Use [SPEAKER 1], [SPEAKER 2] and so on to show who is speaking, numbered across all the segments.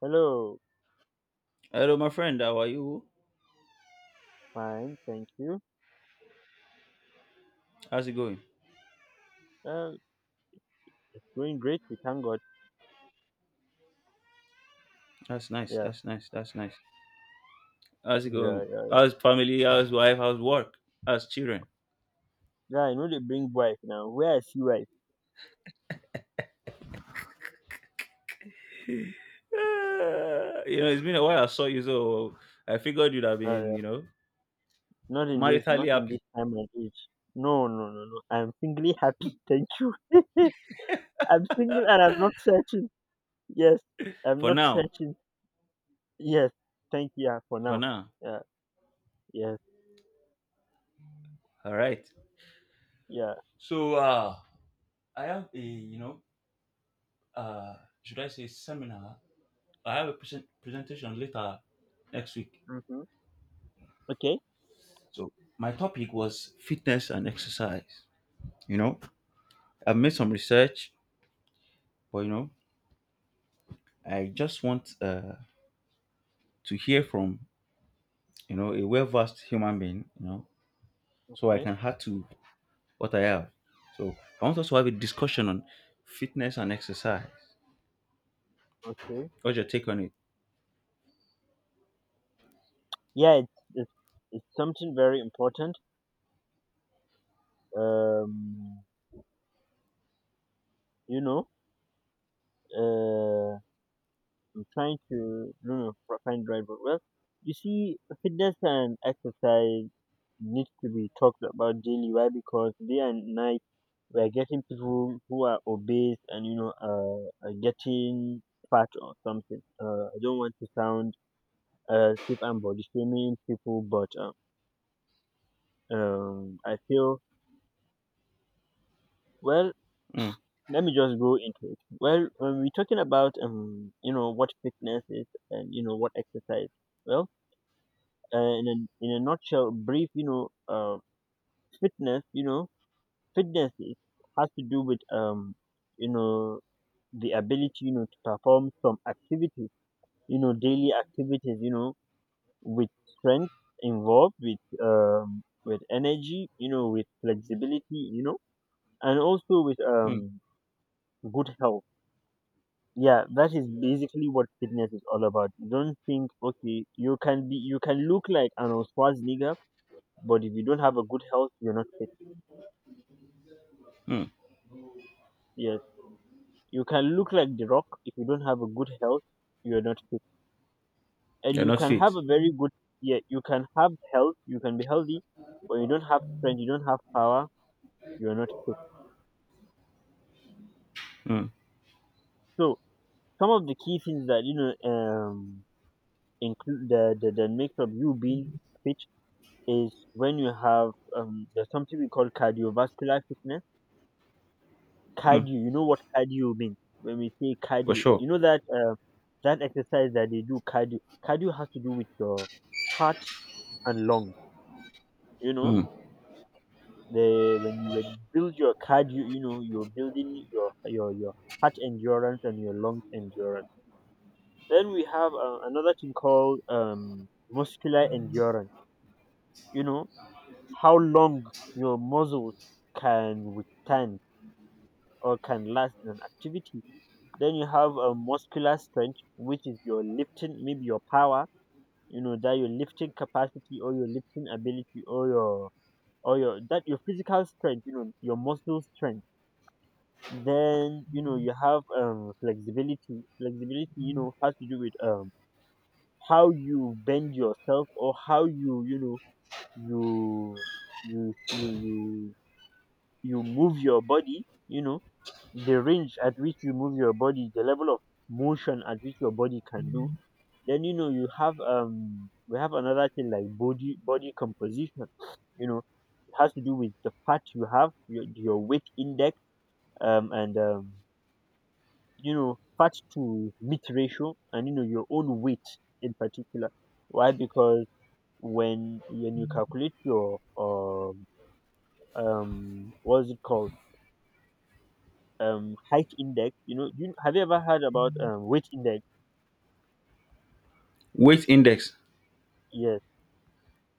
[SPEAKER 1] Hello,
[SPEAKER 2] Hello, my friend. How are you?
[SPEAKER 1] fine, thank you.
[SPEAKER 2] How's it going?
[SPEAKER 1] Um, it's going great. We thank God.
[SPEAKER 2] That's nice.
[SPEAKER 1] Yeah,
[SPEAKER 2] That's nice. That's nice. How's it
[SPEAKER 1] yeah,
[SPEAKER 2] going?
[SPEAKER 1] yeah.
[SPEAKER 2] How's family? How's wife? How's work? How's children?
[SPEAKER 1] Yeah, I know they bring wife now. Where I see wife?
[SPEAKER 2] Ah, you know, it's been a while. I saw you, so I figured you'd have been,
[SPEAKER 1] Uh,
[SPEAKER 2] you know,
[SPEAKER 1] Not in this, not
[SPEAKER 2] maritally
[SPEAKER 1] in this
[SPEAKER 2] happy
[SPEAKER 1] time and age. No, no, no, no. I'm singly happy. Thank you. I'm single and I'm not searching. Yes, I'm
[SPEAKER 2] for
[SPEAKER 1] not
[SPEAKER 2] now.
[SPEAKER 1] searching. Yes, thank you, yeah, for
[SPEAKER 2] For
[SPEAKER 1] now.
[SPEAKER 2] now.
[SPEAKER 1] Yeah, yes,
[SPEAKER 2] All right.
[SPEAKER 1] yeah.
[SPEAKER 2] So, I have a, uh, should I say seminar? I have a presentation later next week.
[SPEAKER 1] Mm-hmm. Okay,
[SPEAKER 2] So, my topic was fitness and exercise. You know, I've made some research, but you know. I just want to hear from a well-versed human being, so I
[SPEAKER 1] okay,
[SPEAKER 2] can add to what I have. So I want us to have a discussion on fitness and exercise.
[SPEAKER 1] okay.
[SPEAKER 2] What's your take on it?
[SPEAKER 1] Yeah, it's something very important. Um, you know. Uh. I'm trying to find the right word. Well, you see, fitness and exercise needs to be talked about daily. Why? Because day and night we are getting people who are obese and are getting fat or something. I don't want to sound stiff and body shaming people, but I feel well.
[SPEAKER 2] Mm,
[SPEAKER 1] Let me just go into it. Well, when we're talking about you know what fitness is and you know what exercise. Well in a nutshell, brief, fitness, you know, fitness is, has to do with you know, the ability, you know, to perform some activities, you know, daily activities, you know, with strength involved, with energy, you know, with flexibility, you know, and also with
[SPEAKER 2] mm,
[SPEAKER 1] good health. Yeah, that is basically what fitness is all about. Don't think, okay, you can look like Arnold Schwarzenegger, but if you don't have a good health, you're not fit.
[SPEAKER 2] mm.
[SPEAKER 1] Yes, you can look like the rock if you don't have a good health, you're not fit. And
[SPEAKER 2] You're
[SPEAKER 1] you
[SPEAKER 2] not
[SPEAKER 1] can
[SPEAKER 2] fit.
[SPEAKER 1] have a very good Yeah, you can have health, you can be healthy, but you don't have strength, you don't have power, you're not fit.
[SPEAKER 2] Mm,
[SPEAKER 1] So some of the key things that include the makes of you being fit is when you have there's something we call cardiovascular fitness,
[SPEAKER 2] mm,
[SPEAKER 1] cardio. You know what cardio means when we say
[SPEAKER 2] for
[SPEAKER 1] cardio.
[SPEAKER 2] sure.
[SPEAKER 1] You know that that exercise that they do, cardio. Cardio has to do with your heart and lungs. You know,
[SPEAKER 2] Mm.
[SPEAKER 1] the when you build your cardio, you know you're building your your heart endurance and your lung endurance. Then we have another thing called muscular endurance. You know how long your muscles can withstand or can last in an activity. Then you have a muscular strength, which is your lifting, maybe your power, you know, that your lifting capacity or your lifting ability or your that your physical strength, you know, your muscle strength. Then you know you have flexibility. Flexibility, you know, has to do with how you bend yourself or how you you know you you you you you move your body. You know, the range at which you move your body, the level of motion at which your body can do. Then you know you have we have another thing like body composition. You know, it has to do with the fat you have, your weight index, and you know fat to meat ratio, and you know your own weight in particular. Why? Because when you calculate your what's it called height index, you know, you have you ever heard about weight index?
[SPEAKER 2] Weight index.
[SPEAKER 1] Yes.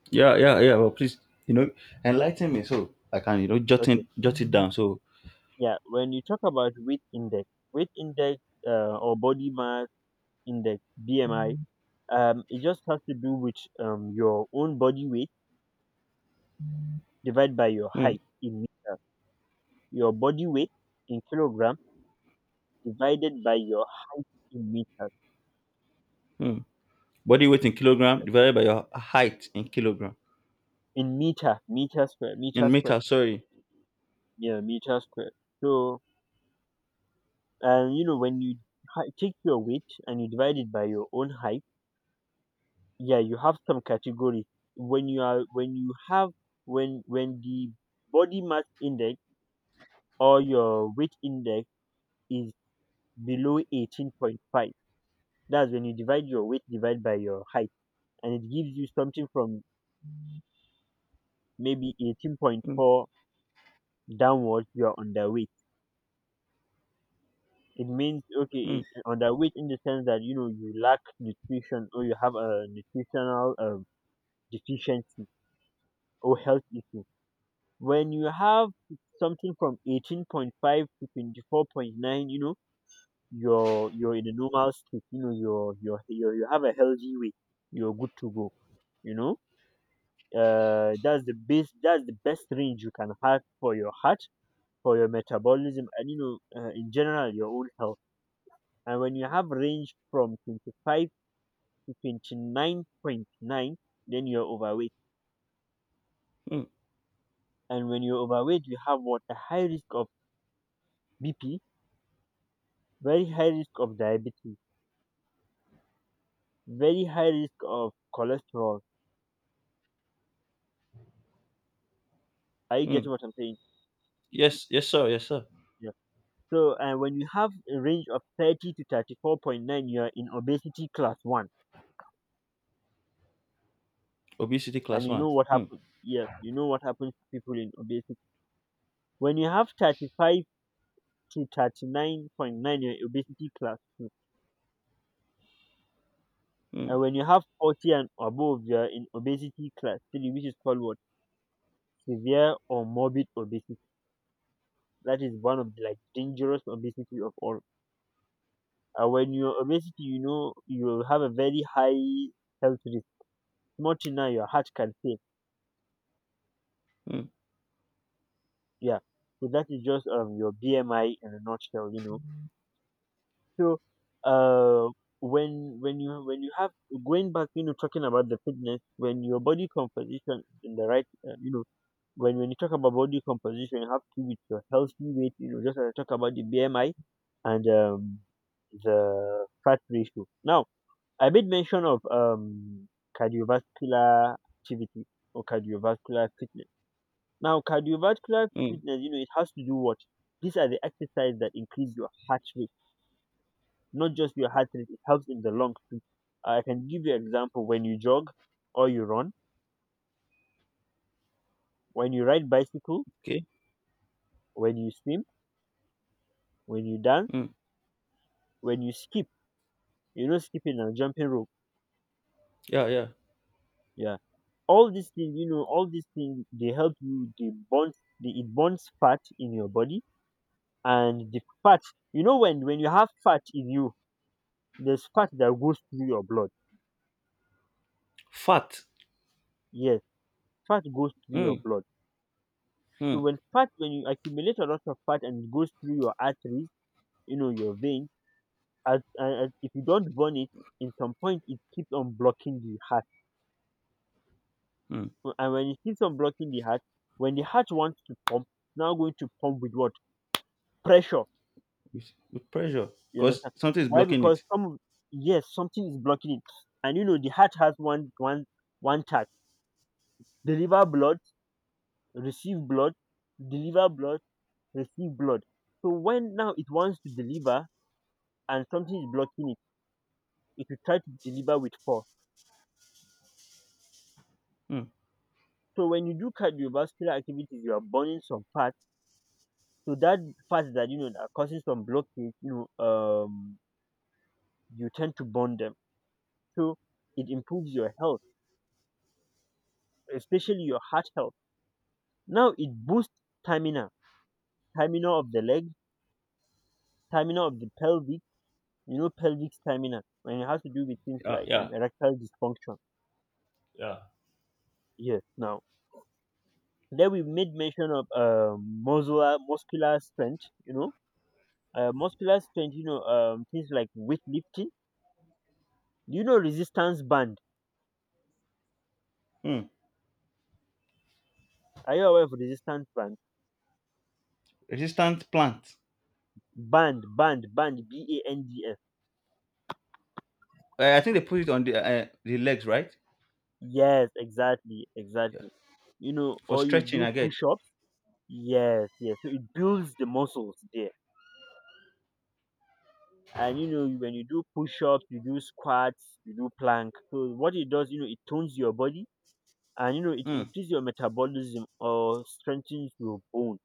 [SPEAKER 2] Yeah, yeah, yeah. Well, please, you know, enlighten me so I can
[SPEAKER 1] Okay.
[SPEAKER 2] jot it down. So
[SPEAKER 1] Yeah. When you talk about weight index or body mass index (BMI). It just has to do with your own body weight divided by your
[SPEAKER 2] mm,
[SPEAKER 1] height in meters. Your body weight in kilogram divided by your height in meters.
[SPEAKER 2] mm. Body weight in kilogram
[SPEAKER 1] Yeah.
[SPEAKER 2] divided by your height in kilogram
[SPEAKER 1] In meter, meter square, meter
[SPEAKER 2] in meter.
[SPEAKER 1] square.
[SPEAKER 2] Sorry.
[SPEAKER 1] Yeah, meter square. So, you know, when you take your weight and you divide it by your own height, yeah, you have some category. When you are, when you have, when the body mass index or your weight index is below 18.5, that's when you divide your weight, divide by your height, and it gives you something from maybe
[SPEAKER 2] Mm,
[SPEAKER 1] 18.4 downwards. You are underweight. It means okay,
[SPEAKER 2] mm.
[SPEAKER 1] underweight in the sense that you know you lack nutrition or you have a nutritional deficiency or health issue. When you have something from 18.5 to 24.9, you know you're in a normal state, you know you're you have a healthy weight, you're good to go, you know. That's the best, that's the best range you can have for your heart, for your metabolism, and you know in general your own health. And when you have range from 25 to 29.9, then you're overweight.
[SPEAKER 2] mm.
[SPEAKER 1] And when you're overweight, you have what, a high risk of BP, very high risk of diabetes, very high risk of cholesterol. Are you
[SPEAKER 2] Hmm.
[SPEAKER 1] getting what I'm saying?
[SPEAKER 2] Yes, yes, sir, yes, sir.
[SPEAKER 1] Yeah. So when you have a range of 30 to 34.9, you're in obesity class 1.
[SPEAKER 2] Obesity
[SPEAKER 1] And
[SPEAKER 2] class
[SPEAKER 1] you
[SPEAKER 2] one.
[SPEAKER 1] know what
[SPEAKER 2] Hmm.
[SPEAKER 1] happens. Yes, you know what happens to people in obesity. When you have 35 to 39.9, you're in obesity class 2.
[SPEAKER 2] Hmm.
[SPEAKER 1] And when you have 40 and above, you're in obesity class 3, which is called what? Severe or morbid obesity. That is one of the like dangerous obesity of all. And when you're obesity, you know you have a very high health risk. Not now, your heart can fail.
[SPEAKER 2] Hmm.
[SPEAKER 1] Yeah. So that is just your BMI in a nutshell, you know. So uh, when you when you have going back, you know, talking about the fitness, when your body composition is in the right, you know, when you talk about body composition, you have to do with your healthy weight, you know, just as I talk about the BMI and the fat ratio. Now, I made mention of cardiovascular activity or cardiovascular fitness. Now, cardiovascular
[SPEAKER 2] Hmm.
[SPEAKER 1] fitness, you know, it has to do what? These are the exercises that increase your heart rate, not just your heart rate, it helps in the lungs too. I can give you example, when you jog or you run, when you ride bicycle,
[SPEAKER 2] Okay.
[SPEAKER 1] when you swim, when you dance,
[SPEAKER 2] Hmm.
[SPEAKER 1] when you skip, you know, skipping and jumping rope.
[SPEAKER 2] Yeah, yeah.
[SPEAKER 1] Yeah. All these things, you know, all these things, they help you, it bonds fat in your body. And the fat, you know, when you have fat in you, there's fat that goes through your blood.
[SPEAKER 2] Fat.
[SPEAKER 1] Yes, fat goes through your
[SPEAKER 2] Mm.
[SPEAKER 1] blood.
[SPEAKER 2] Mm.
[SPEAKER 1] So when you accumulate a lot of fat and it goes through your arteries, you know, your veins, as and if you don't burn it, in some point it keeps on blocking the heart.
[SPEAKER 2] Mm.
[SPEAKER 1] So, and when it keeps on blocking the heart, when the heart wants to pump, it's now going to pump with what, pressure.
[SPEAKER 2] With pressure,
[SPEAKER 1] You
[SPEAKER 2] because
[SPEAKER 1] understand
[SPEAKER 2] something is
[SPEAKER 1] why?
[SPEAKER 2] blocking
[SPEAKER 1] Because
[SPEAKER 2] it.
[SPEAKER 1] some yes, something is blocking it. And you know the heart has one task: deliver blood, receive blood, deliver blood, receive blood. So when now it wants to deliver and something is blocking it, it will try to deliver with force.
[SPEAKER 2] Mm.
[SPEAKER 1] So when you do cardiovascular activities, you are burning some fat. So that fats that you know that are causing some blockage, you know, um, you tend to burn them. So it improves your health, especially your heart health. Now it boosts stamina, stamina of the leg, stamina of the pelvic. You know, pelvic stamina, and it has to do with things
[SPEAKER 2] Yeah,
[SPEAKER 1] like
[SPEAKER 2] yeah,
[SPEAKER 1] erectile dysfunction.
[SPEAKER 2] yeah.
[SPEAKER 1] Yes. Now then we made mention of muscular strength. You know, muscular strength. You know, things like weightlifting. Do you know resistance band?
[SPEAKER 2] Mm.
[SPEAKER 1] Are you aware of resistance band?
[SPEAKER 2] Resistant plant.
[SPEAKER 1] Band, band, band, BANDS.
[SPEAKER 2] I think they put it on the legs, right?
[SPEAKER 1] Yes, exactly,
[SPEAKER 2] Yeah.
[SPEAKER 1] exactly. You know,
[SPEAKER 2] For
[SPEAKER 1] or you
[SPEAKER 2] stretching,
[SPEAKER 1] do
[SPEAKER 2] I get.
[SPEAKER 1] push ups. Yes, yes. So it builds the muscles there. And you know, when you do push ups, you do squats, you do plank. So what it does, you know, it tones your body and you know, it
[SPEAKER 2] Mm.
[SPEAKER 1] increases your metabolism or strengthens your bone.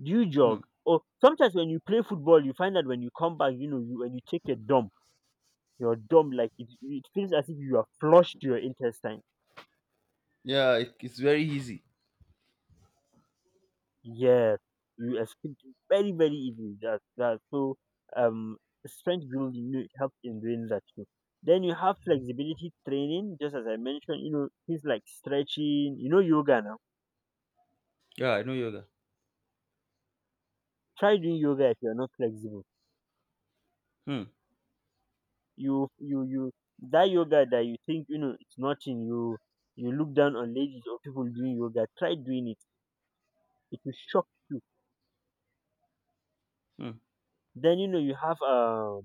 [SPEAKER 1] Do you jog?
[SPEAKER 2] Mm.
[SPEAKER 1] Or sometimes when you play football, you find that when you come back, you know, when you take a dump, your dump, like it feels as if you are flushed to your intestine.
[SPEAKER 2] Yeah, it's very easy.
[SPEAKER 1] Yes, you escaped it very, very easily. That that So um strength building, you know, it helps in doing that too. Then you have flexibility training, just as I mentioned, you know, things like stretching, you know, yoga now.
[SPEAKER 2] Yeah, I know yoga.
[SPEAKER 1] Try doing yoga if you're not flexible.
[SPEAKER 2] Mm.
[SPEAKER 1] You That yoga that you think, you know, it's nothing, you look down on ladies or people doing yoga, try doing it. It will shock you.
[SPEAKER 2] Mm.
[SPEAKER 1] Then you know you have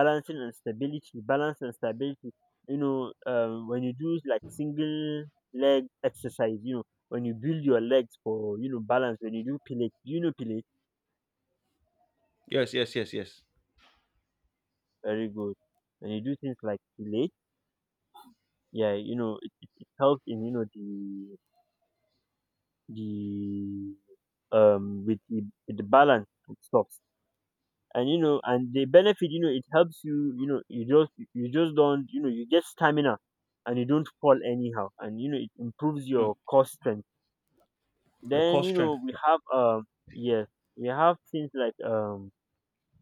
[SPEAKER 1] balancing and stability, balance and stability. You know, when you do like single leg exercise, you know, when you build your legs for you know balance, when you do pilates, pilates
[SPEAKER 2] Yes, yes, yes, yes.
[SPEAKER 1] very good. When you do things like pilates, yeah, you know, it helps in you know the with with the balance and stuff. And you know, and the benefit, you know, it helps you. You know, you just don't, you know, you get stamina and you don't fall anyhow, and you know it improves
[SPEAKER 2] Mm.
[SPEAKER 1] your core strength.
[SPEAKER 2] Your
[SPEAKER 1] Then
[SPEAKER 2] core
[SPEAKER 1] you
[SPEAKER 2] strength.
[SPEAKER 1] know we
[SPEAKER 2] Yeah.
[SPEAKER 1] have yes, we have things like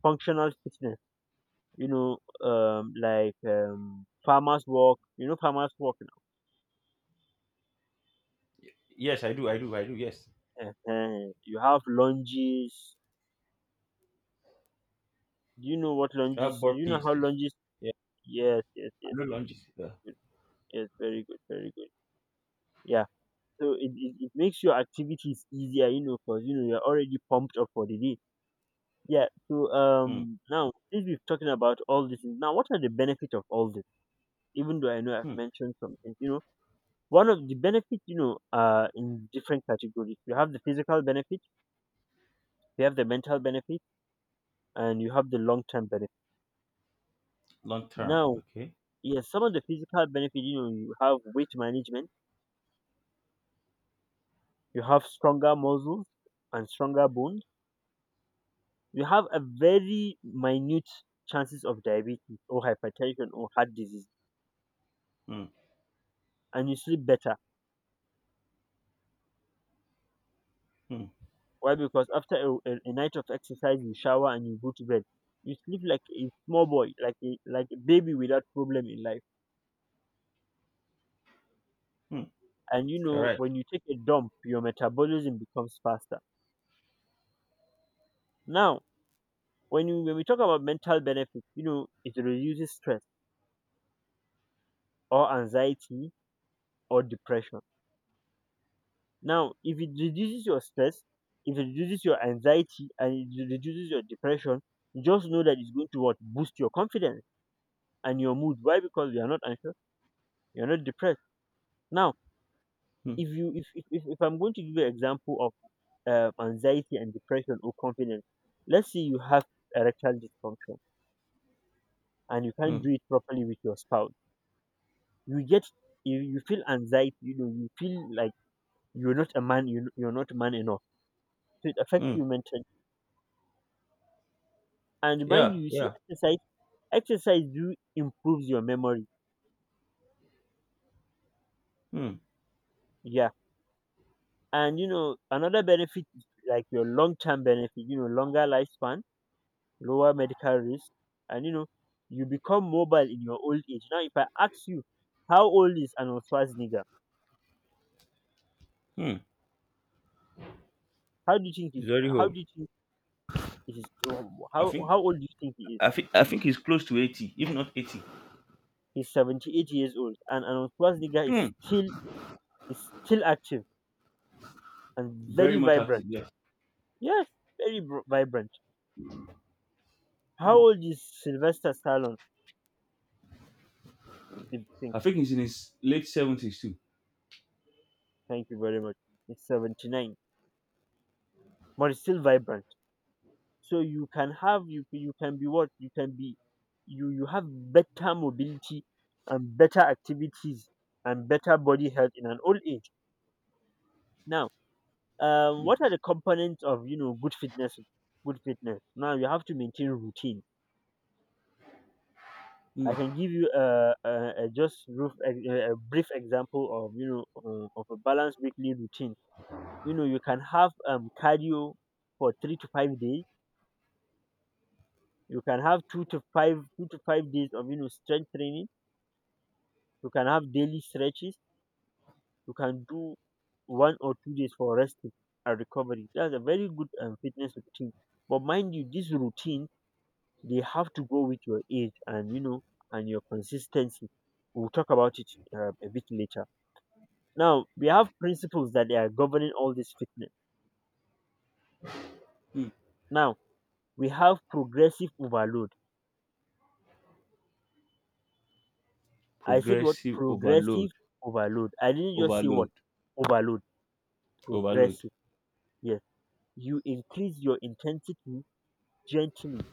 [SPEAKER 1] functional fitness. You know, like farmers walk. You know farmers walk
[SPEAKER 2] Yes, I do, I do, I do. Yes.
[SPEAKER 1] now. You have lunges. Do you know what
[SPEAKER 2] I have
[SPEAKER 1] lunges? You know
[SPEAKER 2] burpees
[SPEAKER 1] how
[SPEAKER 2] too.
[SPEAKER 1] lunges?
[SPEAKER 2] Yeah,
[SPEAKER 1] Yes, yes,
[SPEAKER 2] I
[SPEAKER 1] yes,
[SPEAKER 2] know
[SPEAKER 1] yes, yes.
[SPEAKER 2] lunges. Yeah.
[SPEAKER 1] Good. Yes, very good, very good. Yeah. So it makes your activities easier. You know, because you know you're already pumped up for the day. Yeah. So
[SPEAKER 2] Mm,
[SPEAKER 1] now since we've talking about all this, now what are the benefits of all this? Even though I know I've
[SPEAKER 2] mm.
[SPEAKER 1] mentioned some things. You know, one of the benefits, you know, are in different categories. You have the physical benefit, you have the mental benefit, and you have the long term benefit.
[SPEAKER 2] Long term.
[SPEAKER 1] Now,
[SPEAKER 2] Okay.
[SPEAKER 1] yes, some of the physical benefit, you know, you have weight management, you have stronger muscles and stronger bones, you have a very minute chances of diabetes or hypertension or heart disease,
[SPEAKER 2] Mm,
[SPEAKER 1] and you sleep better.
[SPEAKER 2] mm,
[SPEAKER 1] Why? Because after a night of exercise, you shower and you go to bed. You sleep like a small boy, like a baby without problem in life.
[SPEAKER 2] mm.
[SPEAKER 1] And you
[SPEAKER 2] All
[SPEAKER 1] know,
[SPEAKER 2] right.
[SPEAKER 1] when you take a dump, your metabolism becomes faster. Now, when we talk about mental benefits, you know, it reduces stress or anxiety or depression. Now, if it reduces your stress, if it reduces your anxiety and it reduces your depression, just know that it's going to what boost your confidence and your mood. Why? Because you are not anxious, you are not depressed. Now,
[SPEAKER 2] Mm,
[SPEAKER 1] if you if I'm going to give you an example of anxiety and depression or confidence, let's say you have erectile dysfunction and you can't
[SPEAKER 2] mm,
[SPEAKER 1] do it properly with your spouse, you get you feel anxiety, you know, you feel like you're not a man, you're not man enough, so it affects
[SPEAKER 2] mm.
[SPEAKER 1] you mentally. And mind
[SPEAKER 2] Yeah,
[SPEAKER 1] you, you see
[SPEAKER 2] yeah.
[SPEAKER 1] exercise, exercise do improves your memory,
[SPEAKER 2] Mm,
[SPEAKER 1] yeah. And you know another benefit is like your long-term benefit, you know, longer lifespan, lower medical risk, and you know, you become mobile in your old age. Now, if I ask you, how old is Arnold Schwarzenegger?
[SPEAKER 2] mm.
[SPEAKER 1] How do you think
[SPEAKER 2] It's
[SPEAKER 1] he's?
[SPEAKER 2] very
[SPEAKER 1] How
[SPEAKER 2] old.
[SPEAKER 1] do you think it is? Oh,
[SPEAKER 2] I
[SPEAKER 1] How
[SPEAKER 2] think.
[SPEAKER 1] how old do you think he is?
[SPEAKER 2] I think he's close to 80, if not 80.
[SPEAKER 1] He's 78 years old, and Arnold Schwarzenegger
[SPEAKER 2] Mm.
[SPEAKER 1] is still active and
[SPEAKER 2] Very
[SPEAKER 1] very
[SPEAKER 2] much active.
[SPEAKER 1] vibrant.
[SPEAKER 2] Yes.
[SPEAKER 1] Yes, vibrant. How old is Sylvester Stallone? If you think,
[SPEAKER 2] I think he's in his late 70s too.
[SPEAKER 1] thank you very much. He's 79, but he's still vibrant. So you can have you, you can be what you can be, you have better mobility and better activities and better body health in an old age. Now, what are the components of you know good fitness? Good fitness, now you have to maintain routine.
[SPEAKER 2] Mm.
[SPEAKER 1] I can give you a just roof, a brief example of you know of a balanced weekly routine. You know you can have cardio for 3 to 5 days, you can have two to 5 days of you know strength training. You can have daily stretches. You can do 1 or 2 days for resting and recovery. That's a very good fitness routine. But mind you, this routine, they have to go with your age and you know and your consistency. We'll talk about it a bit later. Now we have principles that they are governing all this fitness. Now we have progressive overload. I said what
[SPEAKER 2] Progressive overload.
[SPEAKER 1] progressive overload. I didn't just say
[SPEAKER 2] Overload.
[SPEAKER 1] what overload.
[SPEAKER 2] Overload.
[SPEAKER 1] Progressive. Yes, you increase your intensity gently,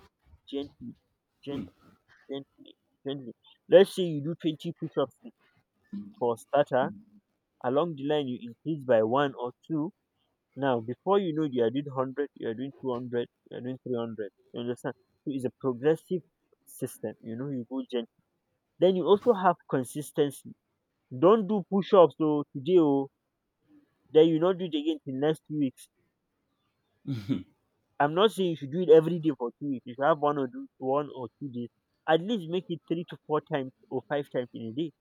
[SPEAKER 1] gently, gent, gently, gently. Let's say you do 20 push ups for starter. Along the line, you increase by one or two. Now, before you know, you are doing 100, you are doing 200, you are doing 300. You understand? So it's a progressive system. You know, you go gently. Then you also have consistency. Don't do push ups so today, oh, then you not do it again till next 2 weeks. I'm not saying you should do it every day for 2 weeks. You should have 1 or 2 days. At least make it three to four times or five times in a day.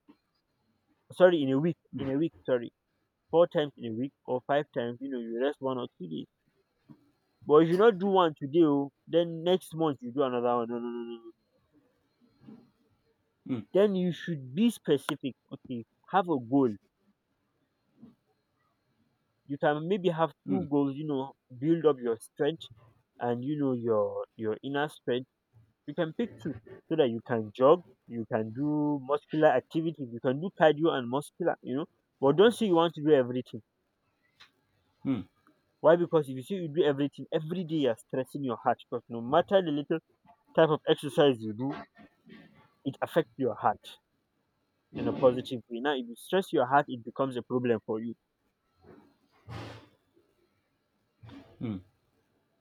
[SPEAKER 1] Sorry, in a week, in a week, sorry, four times in a week or five times, you know, you rest 1 or 2 days, but you should not do one today oh, then next month you do another one. No, no, no, no, no.
[SPEAKER 2] Mm,
[SPEAKER 1] Then you should be specific, okay. Have a goal, you can maybe have
[SPEAKER 2] mm,
[SPEAKER 1] two goals, you know, build up your strength and you know your inner strength. You can pick two so that you can jog, you can do muscular activities, you can do cardio and muscular, you know, but don't say you want to do everything.
[SPEAKER 2] mm,
[SPEAKER 1] Why? Because if you see, you do everything every day, you're stressing your heart. Because no matter the little type of exercise you do, it affects your heart in a positive way. Now, if you stress your heart, it becomes a problem for you.
[SPEAKER 2] mm.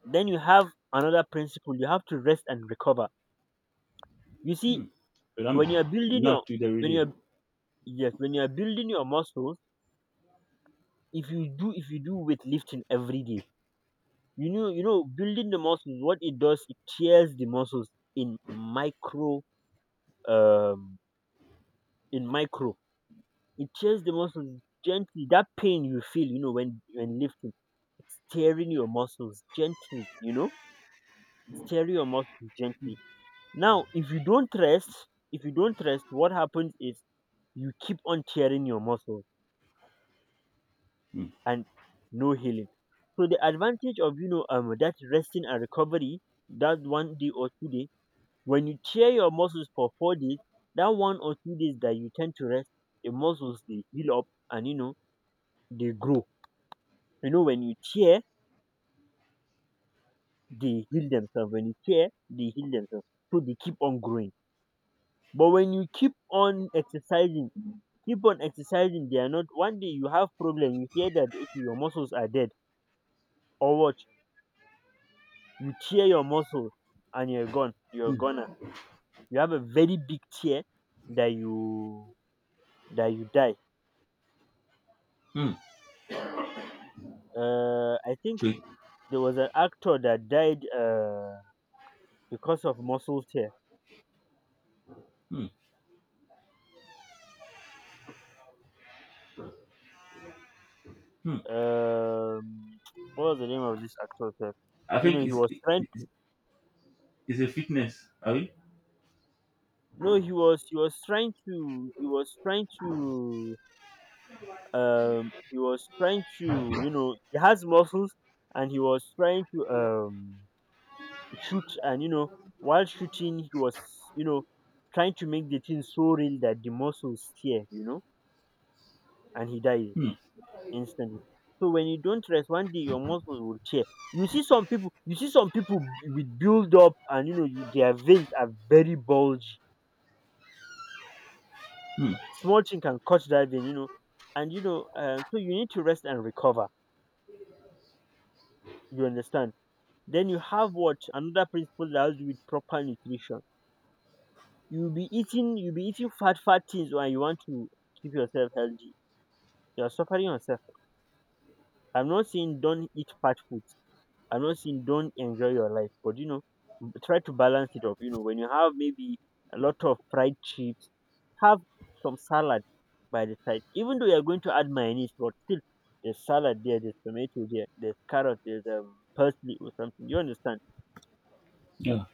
[SPEAKER 1] Then you have another principle. You have to rest and recover. You see,
[SPEAKER 2] But I'm
[SPEAKER 1] when you're building your
[SPEAKER 2] not to do it
[SPEAKER 1] when
[SPEAKER 2] every day.
[SPEAKER 1] you're yes, when you're building your muscles, if you do weightlifting every day, you know, you know building the muscles. What it does, it tears the muscles in micro um in micro it tears the muscles gently. That pain you feel, you know, when lifting, it's tearing your muscles gently. You know, it's tearing your muscles gently. Now, if you don't rest, if you don't rest, what happens is you keep on tearing your muscles and no healing. So the advantage of you know that resting and recovery, that one day or 2 days, when you tear your muscles for 4 days, that 1 or 2 days that you tend to rest, the muscles they heal up, and you know they grow. You know, when you tear, they heal themselves. When you tear, they heal themselves. So they keep on growing. But when you keep on exercising, they are not. One day you have problem. You hear that okay, your muscles are dead, or what? You tear your muscle, and you're gone. You're gonna. You have a very big tear that you die.
[SPEAKER 2] Mm.
[SPEAKER 1] I think
[SPEAKER 2] So,
[SPEAKER 1] there was an actor that died because of muscle tear.
[SPEAKER 2] mm, mm.
[SPEAKER 1] um what was the name of this actor sef?
[SPEAKER 2] I
[SPEAKER 1] You know
[SPEAKER 2] think
[SPEAKER 1] he was trying
[SPEAKER 2] it's,
[SPEAKER 1] to,
[SPEAKER 2] it's a fitness. Are we?
[SPEAKER 1] no, he was trying to, he was trying to, you know, he has muscles, and he was trying to shoot and you know, while shooting he was you know trying to make the thing so real that the muscles tear, you know, and he died
[SPEAKER 2] Hmm.
[SPEAKER 1] instantly. So when you don't rest, one day your muscles will tear. You see some people, you see some people with build up, and you know you, their veins are very bulgy. Small thing can cut that vein, you know, and you know, so you need to rest and recover. You understand? Then you have what another principle that has to do with proper nutrition. You'll be eating fat, fat things, and you want to keep yourself healthy. You're suffering yourself. I'm not saying don't eat fat food, I'm not saying don't enjoy your life, but you know, try to balance it up. You know, when you have maybe a lot of fried chips, have some salad by the side. Even though you're going to add mayonnaise, but still, there's salad there, there's tomato there, there's carrot, there's parsley or something. You understand?
[SPEAKER 2] Yeah.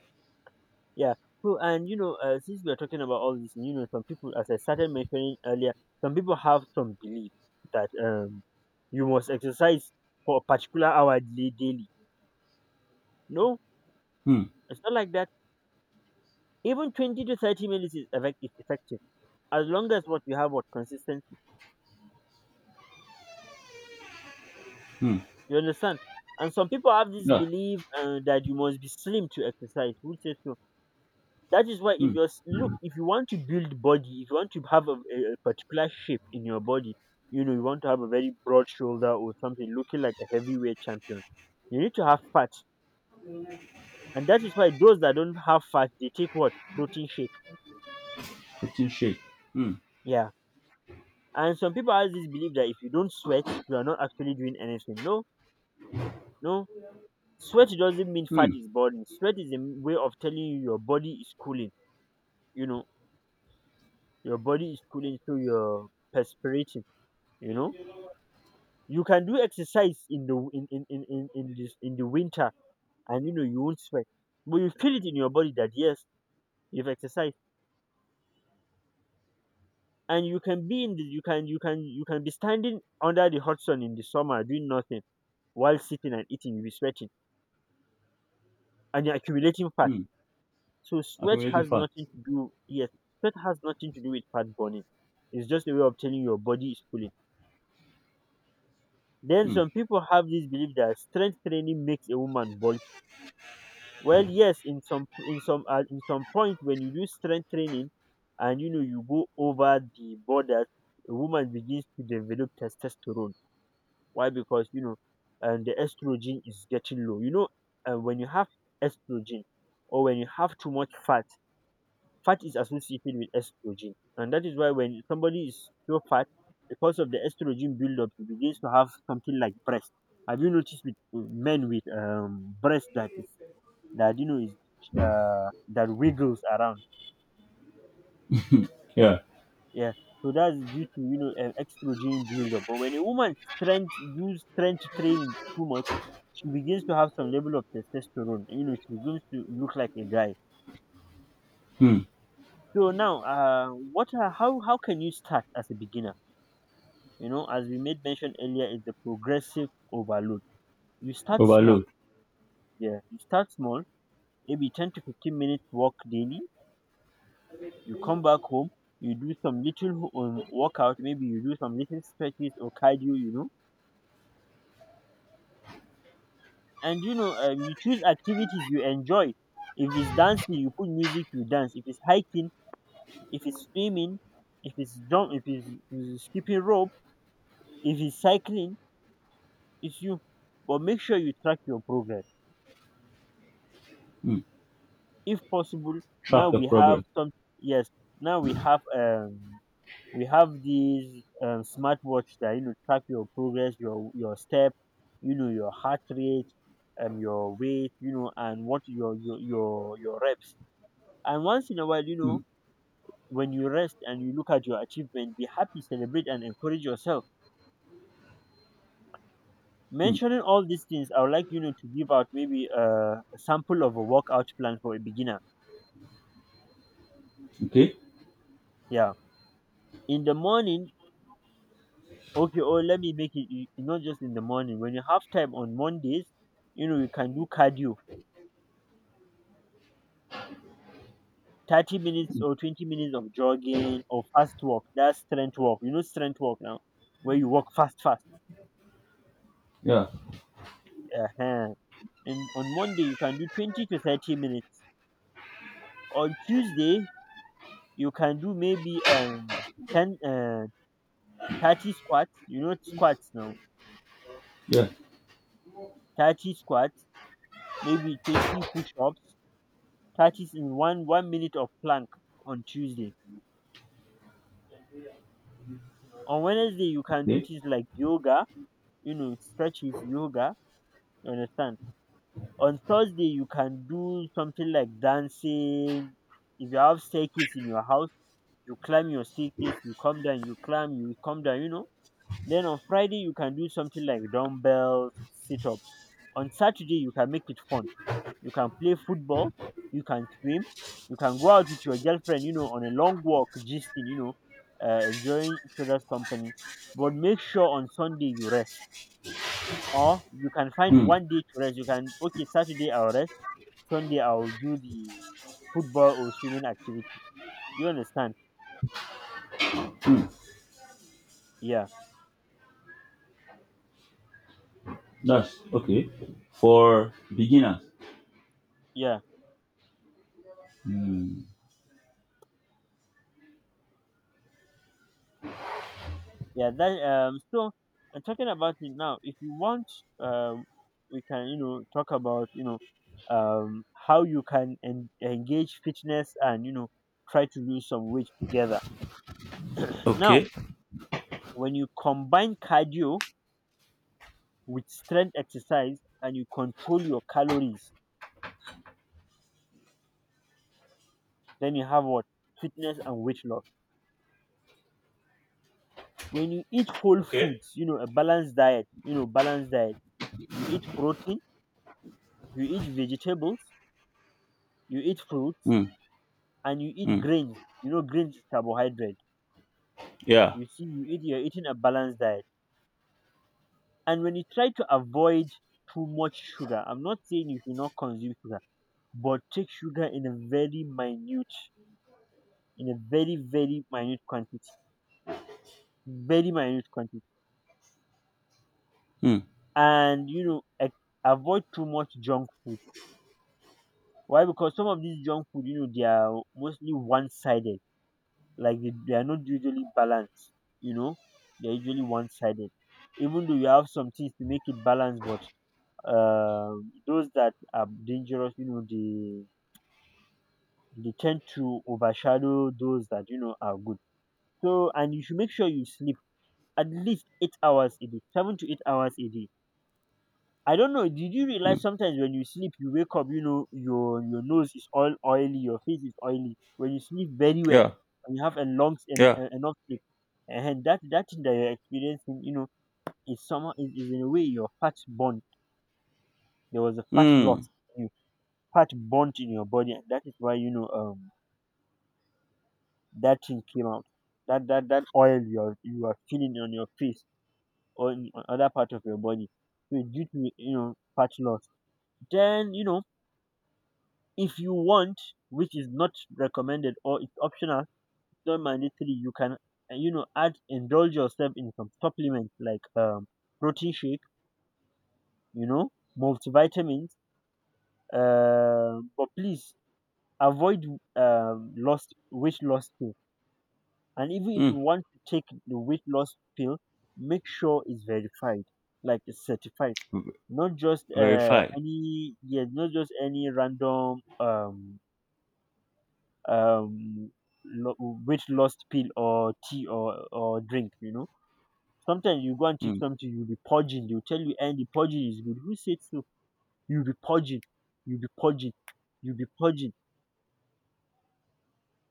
[SPEAKER 1] Yeah. So, and you know, since we are talking about all this, you know, some people, as I started mentioning earlier, some people have some belief that you must exercise for a particular hour daily. No,
[SPEAKER 2] Hmm.
[SPEAKER 1] it's not like that. Even 20 to 30 minutes is is effective as long as what you have what consistency. You understand? And some people have this
[SPEAKER 2] Yeah.
[SPEAKER 1] belief that you must be slim to exercise, which is true. That is why if
[SPEAKER 2] Hmm.
[SPEAKER 1] you are look, if you want to build body, if you want to have a particular shape in your body, you know, you want to have a very broad shoulder or something looking like a heavyweight champion, you need to have fat. And that is why those that don't have fat, they take what? Protein shake.
[SPEAKER 2] Protein shake. Hmm.
[SPEAKER 1] Yeah. And some people have this belief that if you don't sweat, you are not actually doing anything. No, no. Sweat doesn't mean fat
[SPEAKER 2] Hmm.
[SPEAKER 1] is burning. Sweat is a way of telling you your body is cooling. You know, your body is cooling, so you're perspiring. You know, you can do exercise in the in the winter, and you know you won't sweat, but you feel it in your body that yes, you've exercised, and you can be in the you can you can you can be standing under the hot sun in the summer doing nothing while sitting and eating, you'll be sweating, and you're accumulating fat.
[SPEAKER 2] Hmm.
[SPEAKER 1] So sweat
[SPEAKER 2] Accumulating
[SPEAKER 1] has
[SPEAKER 2] fat.
[SPEAKER 1] nothing to do. Yes, sweat has nothing to do with fat burning. It's just a way of telling your body is cooling. Then
[SPEAKER 2] Hmm.
[SPEAKER 1] some people have this belief that strength training makes a woman bulky. Well, yes, in some in some point when you do strength training, and you know you go over the border, a woman begins to develop testosterone. Why? Because you know, and the estrogen is getting low. You know, when you have estrogen, or when you have too much fat, fat is associated with estrogen. And that is why when somebody is so fat, because of the estrogen buildup, he begins to have something like breast. Have you noticed with men with breast that is that you know is that wiggles around?
[SPEAKER 2] Yeah.
[SPEAKER 1] Yeah. So that's due to you know an estrogen buildup. But when a woman strength use strength training too much, she begins to have some level of testosterone. You know, she begins to look like a guy.
[SPEAKER 2] Hmm.
[SPEAKER 1] So now, what? How can you start as a beginner? You know, as we made mention earlier, is the progressive overload. You start small.
[SPEAKER 2] Overload.
[SPEAKER 1] Yeah, you start small, maybe 10 to 15 minutes walk daily. You come back home, you do some little workout. Maybe you do some little stretches or cardio, you know. And you know, you choose activities you enjoy. If it's dancing, you put music, you dance. If it's hiking, if it's swimming, if it's skipping rope, if it's cycling, it's you. But make sure you track your progress
[SPEAKER 2] Hmm.
[SPEAKER 1] if possible.
[SPEAKER 2] Track
[SPEAKER 1] Now
[SPEAKER 2] the
[SPEAKER 1] we have
[SPEAKER 2] progress.
[SPEAKER 1] some, yes, now we have these smartwatch that you know track your progress, your step, you know, your heart rate, your weight, you know, and what your your reps. And once in a while, you
[SPEAKER 2] Hmm.
[SPEAKER 1] know, when you rest and you look at your achievement, be happy, celebrate, and encourage yourself.
[SPEAKER 2] Hmm.
[SPEAKER 1] Mentioning all these things, I would like, you know, to give out maybe a sample of a workout plan for a beginner.
[SPEAKER 2] Okay.
[SPEAKER 1] Yeah, in the morning. Okay, or let me make it not just in the morning. When you have time on Mondays, you know, you can do cardio. 30 minutes or 20 minutes of jogging or fast walk. That's strength walk. You know strength walk now, where you walk fast, fast.
[SPEAKER 2] Yeah.
[SPEAKER 1] Uh huh. And on Monday, you can do 20 to 30 minutes. On Tuesday, you can do maybe 10, 30 squats. You know squats now.
[SPEAKER 2] Yeah.
[SPEAKER 1] 30 squats, maybe 20 push-ups, 30 in 1 minute of plank on Tuesday. On Wednesday you can do
[SPEAKER 2] Okay.
[SPEAKER 1] things like yoga, you know, stretches, yoga, you understand. On Thursday you can do something like dancing. If you have staircase in your house, you climb your staircase, you come down, you climb, you come down, you know. Then on Friday you can do something like dumbbells, sit up. On Saturday you can make it fun, you can play football, you can swim, you can go out with your girlfriend, you know, on a long walk, gisting, you know, enjoying each other's company. But make sure on Sunday you rest. Or you can find
[SPEAKER 2] Hmm.
[SPEAKER 1] one day to rest. You can, okay, Saturday I'll rest, Sunday I'll do the football or swimming activity. You understand?
[SPEAKER 2] Hmm.
[SPEAKER 1] Yeah,
[SPEAKER 2] That's okay. For beginners.
[SPEAKER 1] yeah.
[SPEAKER 2] Hmm.
[SPEAKER 1] Yeah, that so, am talking about it now. If you want, um we can, you know, talk about, you know, how you can engage fitness and, you know, try to lose some weight together now.
[SPEAKER 2] Okay.
[SPEAKER 1] When you combine cardio with strength exercise and you control your calories, then you have what? Fitness and weight loss. When you eat whole
[SPEAKER 2] Okay.
[SPEAKER 1] foods, you know, a balanced diet, you know, balanced diet, you eat protein, you eat vegetables, you eat fruits,
[SPEAKER 2] Hmm.
[SPEAKER 1] and you eat
[SPEAKER 2] Hmm.
[SPEAKER 1] grains. You know grains is carbohydrate.
[SPEAKER 2] Yeah.
[SPEAKER 1] You see, you eat, you're eating a balanced diet. And when you try to avoid too much sugar, I'm not saying you should not consume sugar, but take sugar in a very minute, in a very minute quantity, very minute quantity.
[SPEAKER 2] Hmm.
[SPEAKER 1] And you know, avoid too much junk food. Why? Because some of these junk food, you know, they are mostly one-sided. Like they are not usually balanced, you know, they're usually one-sided. Even though you have some things to make it balanced, but uh, those that are dangerous, you know, they tend to overshadow those that you know are good. So, and you should make sure you sleep at least 8 hours a day, 7 to 8 hours a day. I don't know. Did you realize
[SPEAKER 2] Hmm.
[SPEAKER 1] sometimes when you sleep, you wake up, you know, your nose is all oily, your face is oily. When you sleep very well,
[SPEAKER 2] Yeah.
[SPEAKER 1] and you have a long and
[SPEAKER 2] Yeah.
[SPEAKER 1] enough sleep, and that that thing that you're experiencing, you know, is somehow is in a way your fat burn. There was a fat
[SPEAKER 2] Hmm.
[SPEAKER 1] loss, you, fat burnt in your body, and that is why you know that thing came out. That oil you are, you are feeling on your face or on other part of your body, so due to you know fat loss. Then you know, if you want, which is not recommended or it's optional, it's not mandatory, you can you know, add indulge yourself in some supplements like protein shake, you know, multivitamins. But please avoid lost weight loss pill. And even if
[SPEAKER 2] Hmm.
[SPEAKER 1] you want to take the weight loss pill, make sure it's verified, like it's certified, not just
[SPEAKER 2] Verify.
[SPEAKER 1] any, yeah, not just any random um lo- weight loss pill or tea or drink, you know. Sometimes you go and take
[SPEAKER 2] Hmm.
[SPEAKER 1] something, you'll be purging. They'll tell you and the purging is good. Who said so? You'll be purging, you'll be purging, you'll be purging,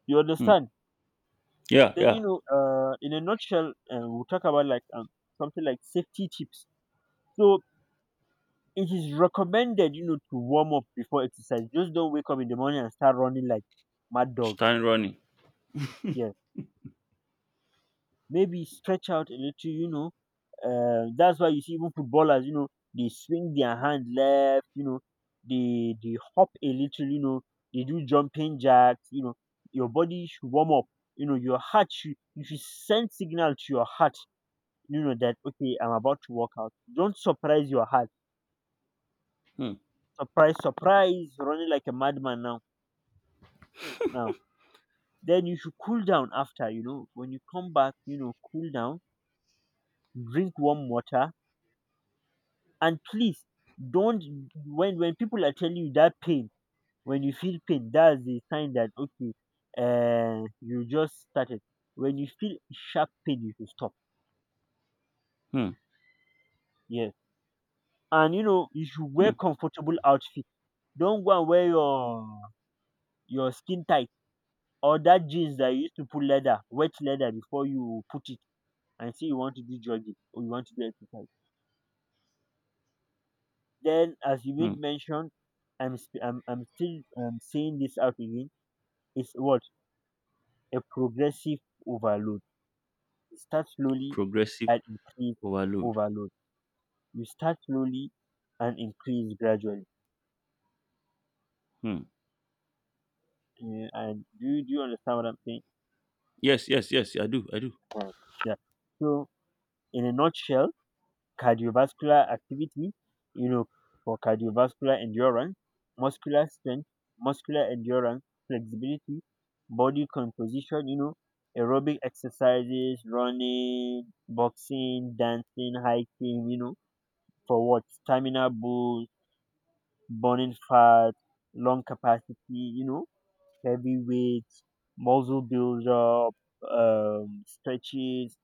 [SPEAKER 1] you
[SPEAKER 2] Hmm.
[SPEAKER 1] understand.
[SPEAKER 2] Yeah,
[SPEAKER 1] Then, you
[SPEAKER 2] yeah.
[SPEAKER 1] know, in a nutshell, we'll talk about like something like safety tips. So it is recommended, you know, to warm up before exercise. Just don't wake up in the morning and start running like mad dog.
[SPEAKER 2] Stand running.
[SPEAKER 1] Yeah, maybe stretch out a little, you know. That's why you see even footballers, you know, they swing their hand left, you know, they hop a little, you know, they do jumping jacks, you know. Your body should warm up, you know. You should send signal to your heart, you know, that okay, I'm about to work out, don't surprise your heart.
[SPEAKER 2] Hmm.
[SPEAKER 1] Surprise running like a madman now. Now then you should cool down after, you know, when you come back, you know, cool down, drink warm water. And please don't, when people are telling you that pain, when you feel pain, that's the sign that okay, you just started. When you feel sharp pain, you should stop.
[SPEAKER 2] Hmm.
[SPEAKER 1] Yes, and you know you should
[SPEAKER 2] Hmm.
[SPEAKER 1] wear comfortable outfit. Don't go and wear your skin tight, or that jeans that you used to put leather, wet leather before you put it, and say you want to do jogging or you want to do exercise. Then, as you
[SPEAKER 2] Hmm.
[SPEAKER 1] made mention, I'm still saying this out again. It's what? A progressive overload. You start slowly
[SPEAKER 2] Progressive
[SPEAKER 1] and increase.
[SPEAKER 2] overload.
[SPEAKER 1] Overload. You start slowly and increase gradually.
[SPEAKER 2] Hmm.
[SPEAKER 1] And do you understand what I'm saying?
[SPEAKER 2] Yes, yes, yes. I do. I do.
[SPEAKER 1] Uh, yeah. So in a nutshell, cardiovascular activity, you know, for cardiovascular endurance, muscular strength, muscular endurance, flexibility, body composition, you know, aerobic exercises, running, boxing, dancing, hiking, you know, for what? Stamina boost, burning fat, lung capacity, you know, heavy weights, muscle buildup, stretches,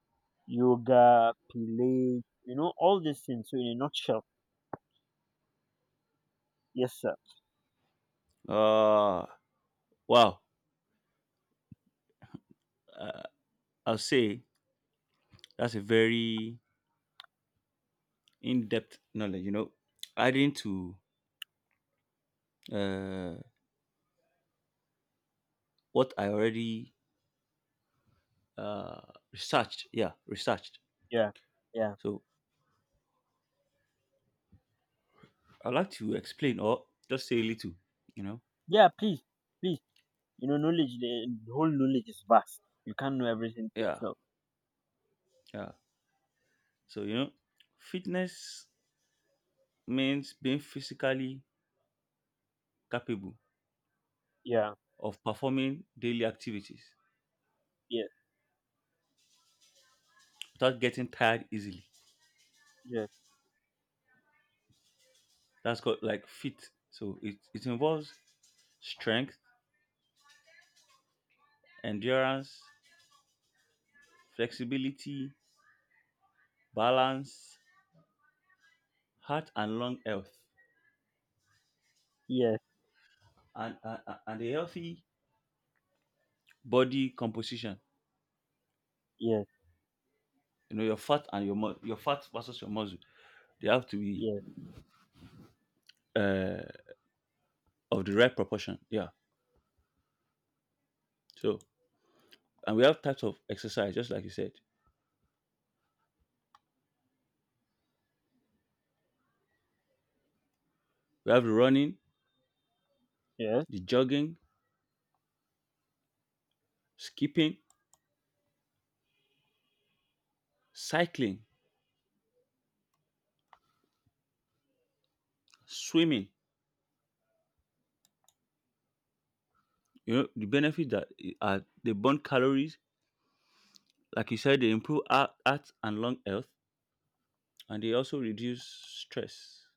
[SPEAKER 1] yoga, pilates, you know, all these things. So in a nutshell, yes, sir.
[SPEAKER 2] Uh wow. I'll say that's a very in-depth knowledge. Adding to uh what I already uh researched. Yeah, researched.
[SPEAKER 1] Yeah, yeah,
[SPEAKER 2] So I'd like to explain or just say a little, you know.
[SPEAKER 1] yeah. Please, please. You know, knowledge. The whole knowledge is vast. You can't know everything to
[SPEAKER 2] Yeah.
[SPEAKER 1] yourself.
[SPEAKER 2] Yeah. So fitness means being physically capable
[SPEAKER 1] Yeah,
[SPEAKER 2] of performing daily activities
[SPEAKER 1] yeah,
[SPEAKER 2] without getting tired easily.
[SPEAKER 1] yeah,
[SPEAKER 2] That's called like fit. So it involves strength, endurance, flexibility, balance, heart and lung health,
[SPEAKER 1] yeah,
[SPEAKER 2] and, and, and a healthy body composition.
[SPEAKER 1] yeah,
[SPEAKER 2] Your fat and your your fat versus your muscle, they have to be
[SPEAKER 1] yeah,
[SPEAKER 2] uh, of the right proportion. Yeah. So, and we have types of exercise, just like you said. We have the running,
[SPEAKER 1] yeah,
[SPEAKER 2] the jogging, skipping, cycling, swimming, the benefits that are they burn calories, like you said, they improve heart and lung health, and they also reduce stress.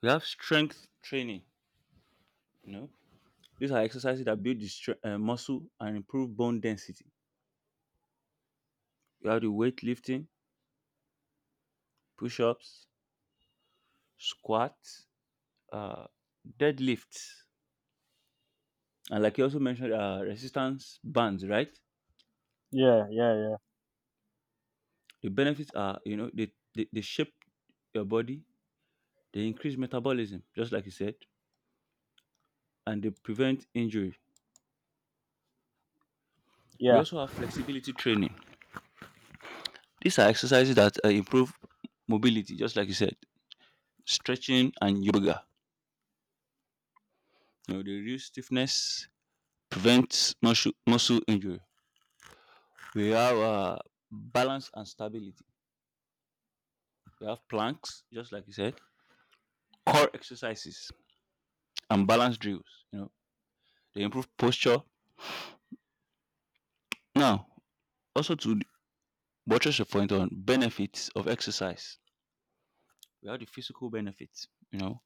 [SPEAKER 2] We have strength training. You know, these are exercises that build the muscle and improve bone density. You have the weightlifting, push-ups, squats, uh, deadlifts, and like you also mentioned, resistance bands. Right?
[SPEAKER 1] yeah, yeah, yeah,
[SPEAKER 2] The benefits are, they shape your body, they increase metabolism, just like you said, and they prevent injury. We
[SPEAKER 1] yeah.
[SPEAKER 2] also have flexibility training. These are exercises that improve mobility, just like you said, stretching and yoga. They reduce stiffness, prevent muscle injury. We have balance and stability. We have planks, just like you said, core exercises and balance drills. You know, they improve posture. Now, also to buttress your point on benefits of exercise, we have the physical benefits. You know,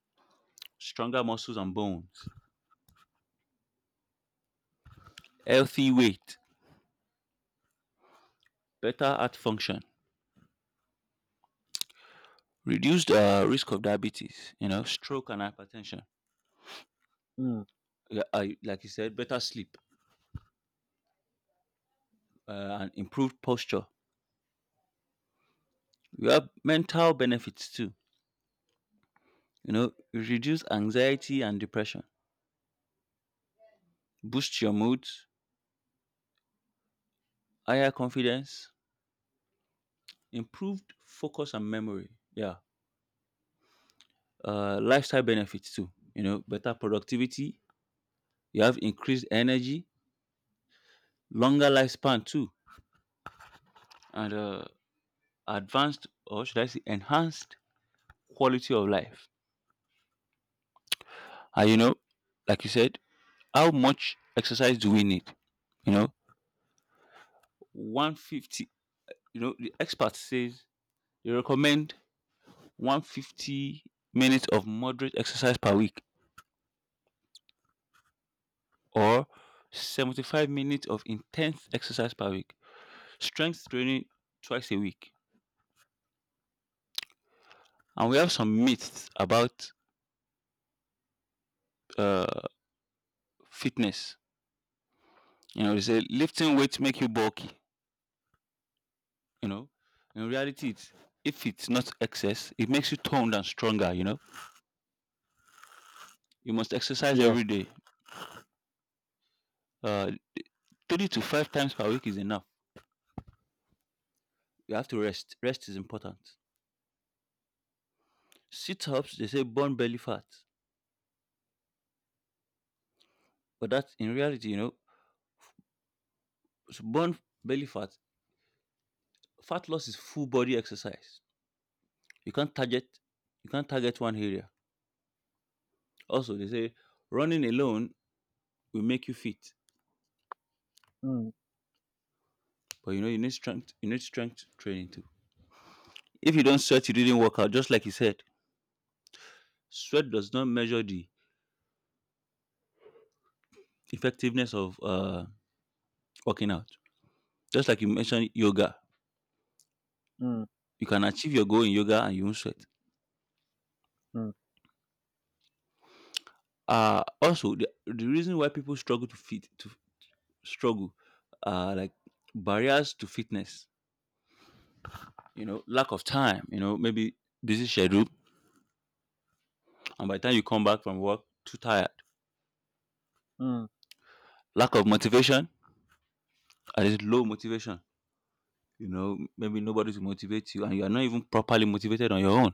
[SPEAKER 2] stronger muscles and bones, healthy weight, better heart function, reduced risk of diabetes, you know, stroke and hypertension.
[SPEAKER 1] Mm,
[SPEAKER 2] Yeah, I, like you said, better sleep and improved posture. You have mental benefits too. You know, reduce anxiety and depression, boost your mood, higher confidence, improved focus and memory. Yeah, lifestyle benefits too. You know, better productivity. You have increased energy, longer lifespan too, and advanced or should I say enhanced quality of life. And you know, like you said, how much exercise do we need? You know, 150, you know, the expert says they recommend 150 minutes of moderate exercise per week or 75 minutes of intense exercise per week, strength training twice a week. And we have some myths about uh, fitness. You know, they say lifting weights make you bulky. You know, in reality, it's, if it's not excess, it makes you toned and stronger. You know you must exercise
[SPEAKER 1] yeah.
[SPEAKER 2] every day. Uh, three to five times per week is enough. You have to rest. Rest is important. Sit ups, they say burn belly fat. But that in reality, you know, burn belly fat, fat loss is full body exercise. You can't target you can't target one area. Also, they say running alone will make you fit.
[SPEAKER 1] Mm,
[SPEAKER 2] But you know, you need strength training too. If you don't sweat, you didn't work out, just like you said. Sweat does not measure the effectiveness of working out. Just like you mentioned yoga,
[SPEAKER 1] mm,
[SPEAKER 2] you can achieve your goal in yoga and you won't sweat.
[SPEAKER 1] mm,
[SPEAKER 2] Also the reason why people struggle to fit to struggle like barriers to fitness, you know, lack of time, maybe busy schedule and by the time you come back from work too tired.
[SPEAKER 1] mm.
[SPEAKER 2] Lack of motivation, at least low motivation. You know, maybe nobody to motivate you and you are not even properly motivated on your own.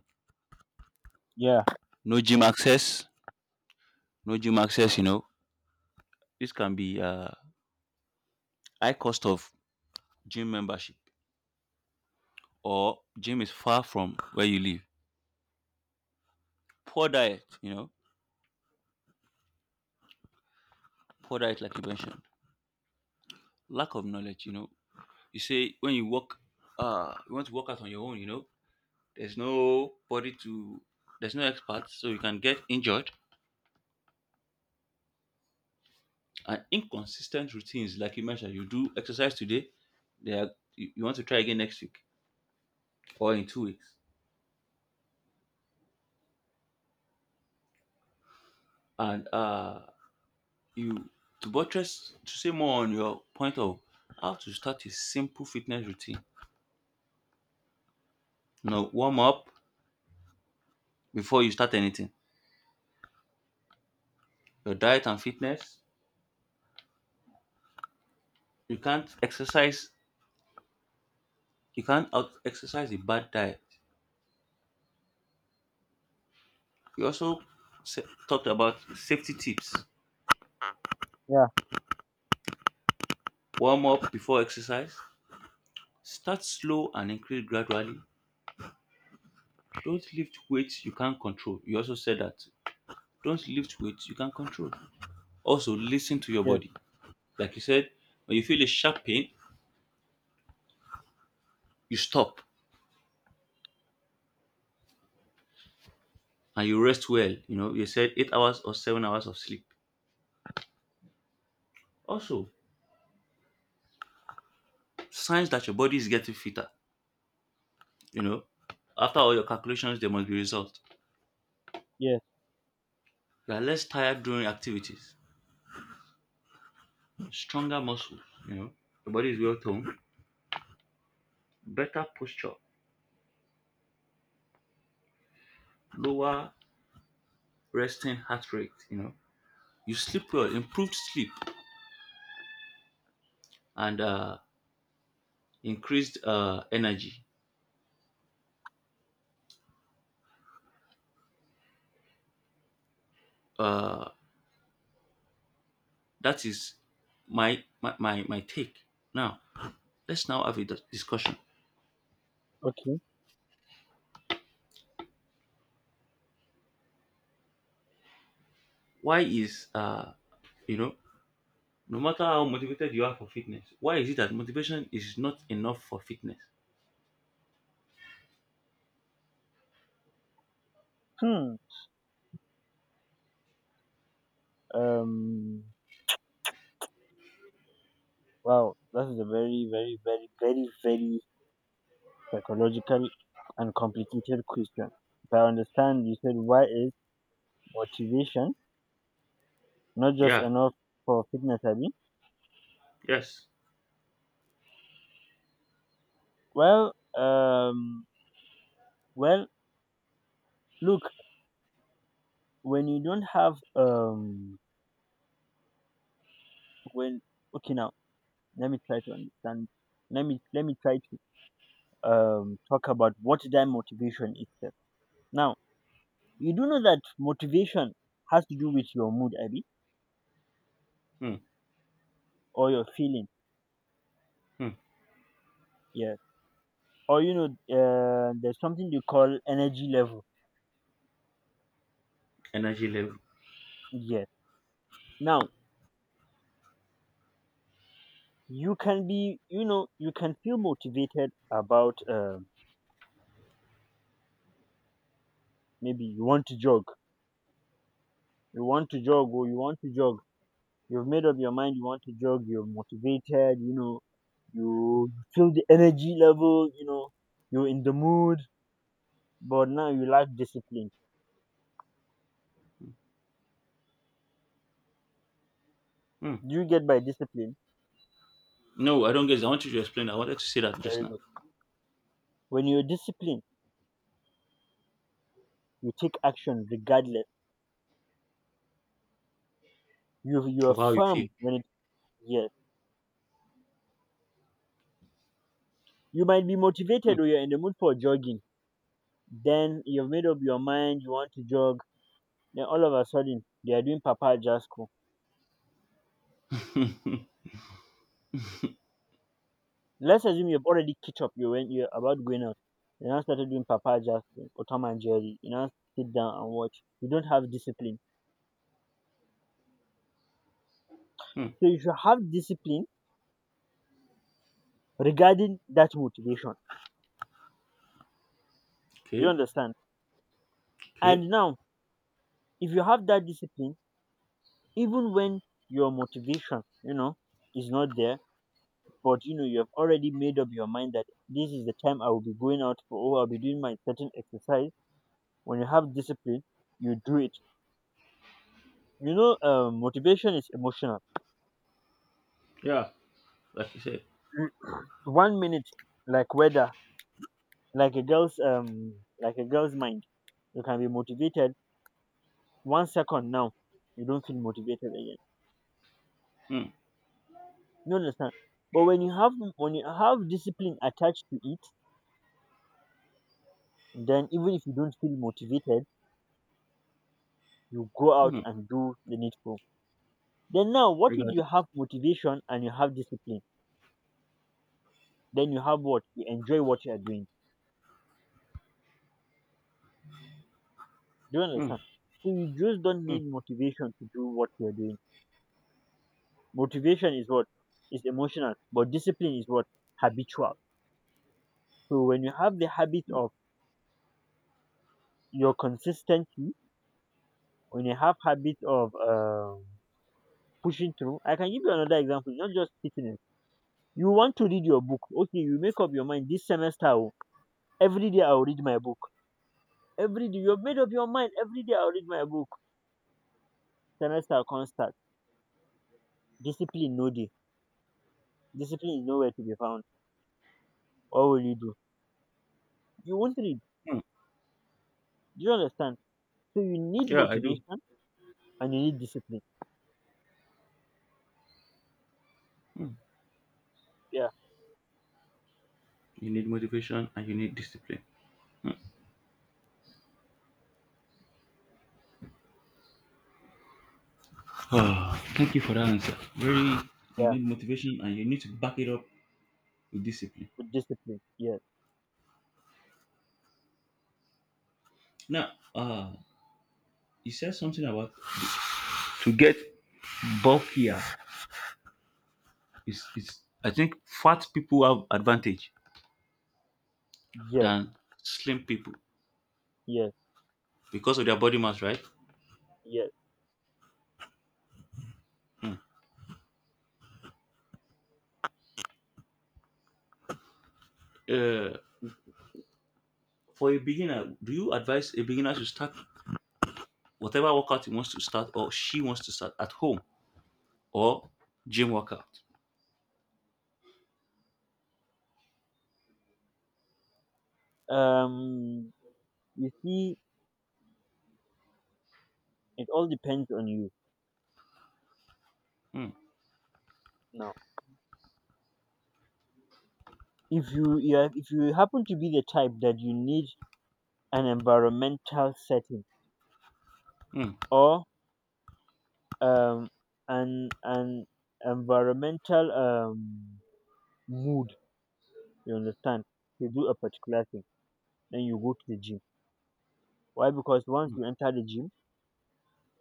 [SPEAKER 1] Yeah,
[SPEAKER 2] No gym access, no gym access. This can be high cost of gym membership or gym is far from where you live. Poor diet, poor diet, like you mentioned, lack of knowledge, you know. You say when you work, you want to work out on your own, there's no body to, there's no expert, so you can get injured. And inconsistent routines, like you mentioned, you do exercise today, they are, you want to try again next week or in 2 weeks. And you, to buttress, to say more on your point of how to start a simple fitness routine, warm up before you start anything. Your diet and fitness. You can't exercise. You can't out exercise a bad diet. We also talked about safety tips.
[SPEAKER 1] yeah,
[SPEAKER 2] Warm up before exercise. Start slow and increase gradually. Don't lift weights you can't control. You also said that. Don't lift weights you can't control. Also, listen to your
[SPEAKER 1] yeah,
[SPEAKER 2] body. Like you said, when you feel a sharp pain, you stop and you rest well. You know, you said 8 hours or 7 hours of sleep. Also, signs that your body is getting fitter. You know, after all your calculations, there must be results.
[SPEAKER 1] yeah.
[SPEAKER 2] You are less tired during activities, stronger muscles, you know, your body is well toned, better posture, lower resting heart rate, you know. You sleep well, improved sleep, and increased energy. Uh, that is my take. Now, let's now have a discussion.
[SPEAKER 1] Okay.
[SPEAKER 2] Why is, you know, no matter how motivated you are for fitness, why is it that motivation is not enough for fitness?
[SPEAKER 1] Hmm. Um. Wow. That is a very psychological and complicated question. If I understand, you said why is motivation not just
[SPEAKER 2] Yeah,
[SPEAKER 1] enough for fitness, Abby?
[SPEAKER 2] yes.
[SPEAKER 1] Well, well, look, when you don't have when okay now, let me try to understand. Let me try to talk about what that motivation is. Now, you do know that motivation has to do with your mood, Abby,
[SPEAKER 2] Hmm,
[SPEAKER 1] or your feeling,
[SPEAKER 2] hmm.
[SPEAKER 1] yeah, or you know, there's something they call energy level,
[SPEAKER 2] Energy level.
[SPEAKER 1] yeah. Now you can be, you know, you can feel motivated about, maybe you want to jog, you want to jog or you want to jog. You've made up your mind you want to jog, you're motivated, you know, you feel the energy level, you know, you're in the mood, but now you lack discipline.
[SPEAKER 2] Hmm.
[SPEAKER 1] Do you get by discipline?
[SPEAKER 2] No, I don't get it. I want you to explain. I wanted to say that just
[SPEAKER 1] Very
[SPEAKER 2] now
[SPEAKER 1] good. When you're disciplined, you take action regardless. You
[SPEAKER 2] of
[SPEAKER 1] are
[SPEAKER 2] how you feel.
[SPEAKER 1] firm when it, yes. You might be
[SPEAKER 2] Mm,
[SPEAKER 1] motivated or you're in the mood for jogging. Then you've made up your mind you want to jog. Then all of a sudden they are doing Papa Jasco. Let's assume you've already kicked up. You when you're about going out. You now started doing Papa Jasco or Tom and Jerry. You now sit down and watch. You don't have discipline.
[SPEAKER 2] mm,
[SPEAKER 1] So you should have discipline regarding that motivation. You
[SPEAKER 2] okay,
[SPEAKER 1] understand?
[SPEAKER 2] okay,
[SPEAKER 1] And now, if you have that discipline, even when your motivation, you know, is not there, but you know you have already made up your mind that this is the time I will be going out for or I'll be doing my certain exercise. When you have discipline, you do it. Motivation is emotional.
[SPEAKER 2] yeah, like you said.
[SPEAKER 1] Mm. One minute, like weather, like a girl's um, like a girl's mind, you can be motivated. One second now, you don't feel motivated again.
[SPEAKER 2] Mm,
[SPEAKER 1] You understand? But when you have discipline attached to it, then even if you don't feel motivated, you go out
[SPEAKER 2] mm,
[SPEAKER 1] and do the needful. Then now, what if you
[SPEAKER 2] regardless.
[SPEAKER 1] have motivation and you have discipline? Then you have what? You enjoy what you are doing. Do you
[SPEAKER 2] Mm,
[SPEAKER 1] understand? So you just don't
[SPEAKER 2] mm,
[SPEAKER 1] need motivation to do what you are doing. Motivation is what? Is emotional, but discipline is what? Habitual. So when you have the habit of your consistency, when you have habit of pushing through, I can give you another example, not just fitness. You want to read your book. Okay, you make up your mind this semester. Oh, Every day I'll read my book. Every day you've made up your mind. Every day I'll read my book. Semester come start, discipline no dey, discipline is nowhere to be found, what will you do? You won't read.
[SPEAKER 2] mm,
[SPEAKER 1] Do you understand? So you need
[SPEAKER 2] yeah, I do.
[SPEAKER 1] motivation and you need discipline.
[SPEAKER 2] Mm.
[SPEAKER 1] Yeah,
[SPEAKER 2] You need motivation and you need discipline. Mm. Ah, thank you for that answer. Very, you
[SPEAKER 1] yeah,
[SPEAKER 2] need motivation and you need to back it up with discipline.
[SPEAKER 1] with discipline. Yes,
[SPEAKER 2] Now, you said something about to get bulkier. Is I think fat people have advantage
[SPEAKER 1] yes,
[SPEAKER 2] than slim people
[SPEAKER 1] yes,
[SPEAKER 2] because of their body mass, right?
[SPEAKER 1] yes.
[SPEAKER 2] uh, for a beginner, do you advise a beginner to start whatever workout he wants to start or she wants to start at home or gym workout?
[SPEAKER 1] Um, you see, it all depends on you
[SPEAKER 2] Hmm,
[SPEAKER 1] now. If you happen to be the type that you need an environmental setting
[SPEAKER 2] hmm,
[SPEAKER 1] or um an environmental mood, you understand, to do a particular thing, then you go to the gym. Why? Because once you enter the gym,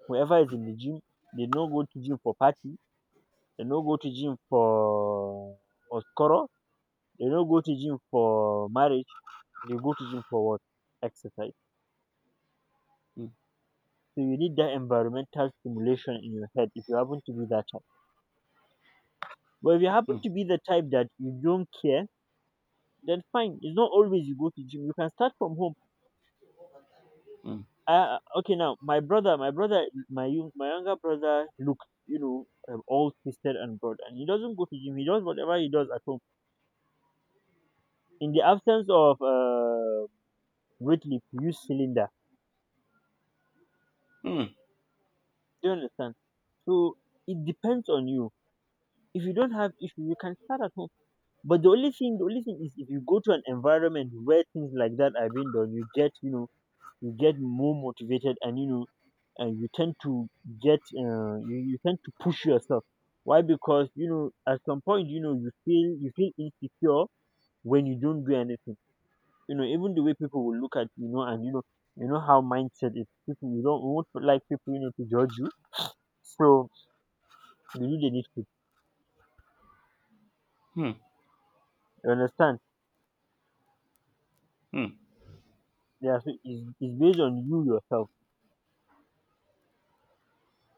[SPEAKER 1] whoever is in the gym, they no go to gym for party, they no go to gym for masquerode, they no go to gym for marriage, they go to gym for what? Exercise.
[SPEAKER 2] hmm,
[SPEAKER 1] So you need that environmental stimulation in your head if you happen to be that type. But if you happen
[SPEAKER 2] hmm,
[SPEAKER 1] to be the type that you don't care, then fine. It's not always you go to gym. You can start from home.
[SPEAKER 2] hmm,
[SPEAKER 1] Okay now, my younger brother looks, you know, all twisted and broad, and he doesn't go to gym. He does whatever he does at home. In the absence of weight lift you use cylinder,
[SPEAKER 2] hmm,
[SPEAKER 1] do you understand? So it depends on you. If you don't have issue you can start at home, but the only thing is if you go to an environment where things like that are being done, you get, you know, you get more motivated, and you know, and you tend to get, you tend to push yourself. Why? Because you know at some point, you know, you feel insecure when you don't do anything, you know, even the way people will look at, you know, and you know, you know how mindset is, people, you don't want, like, people, you know, to judge you. So you do the needful,
[SPEAKER 2] hmm,
[SPEAKER 1] you understand?
[SPEAKER 2] hmm,
[SPEAKER 1] Yeah, it's based on you yourself.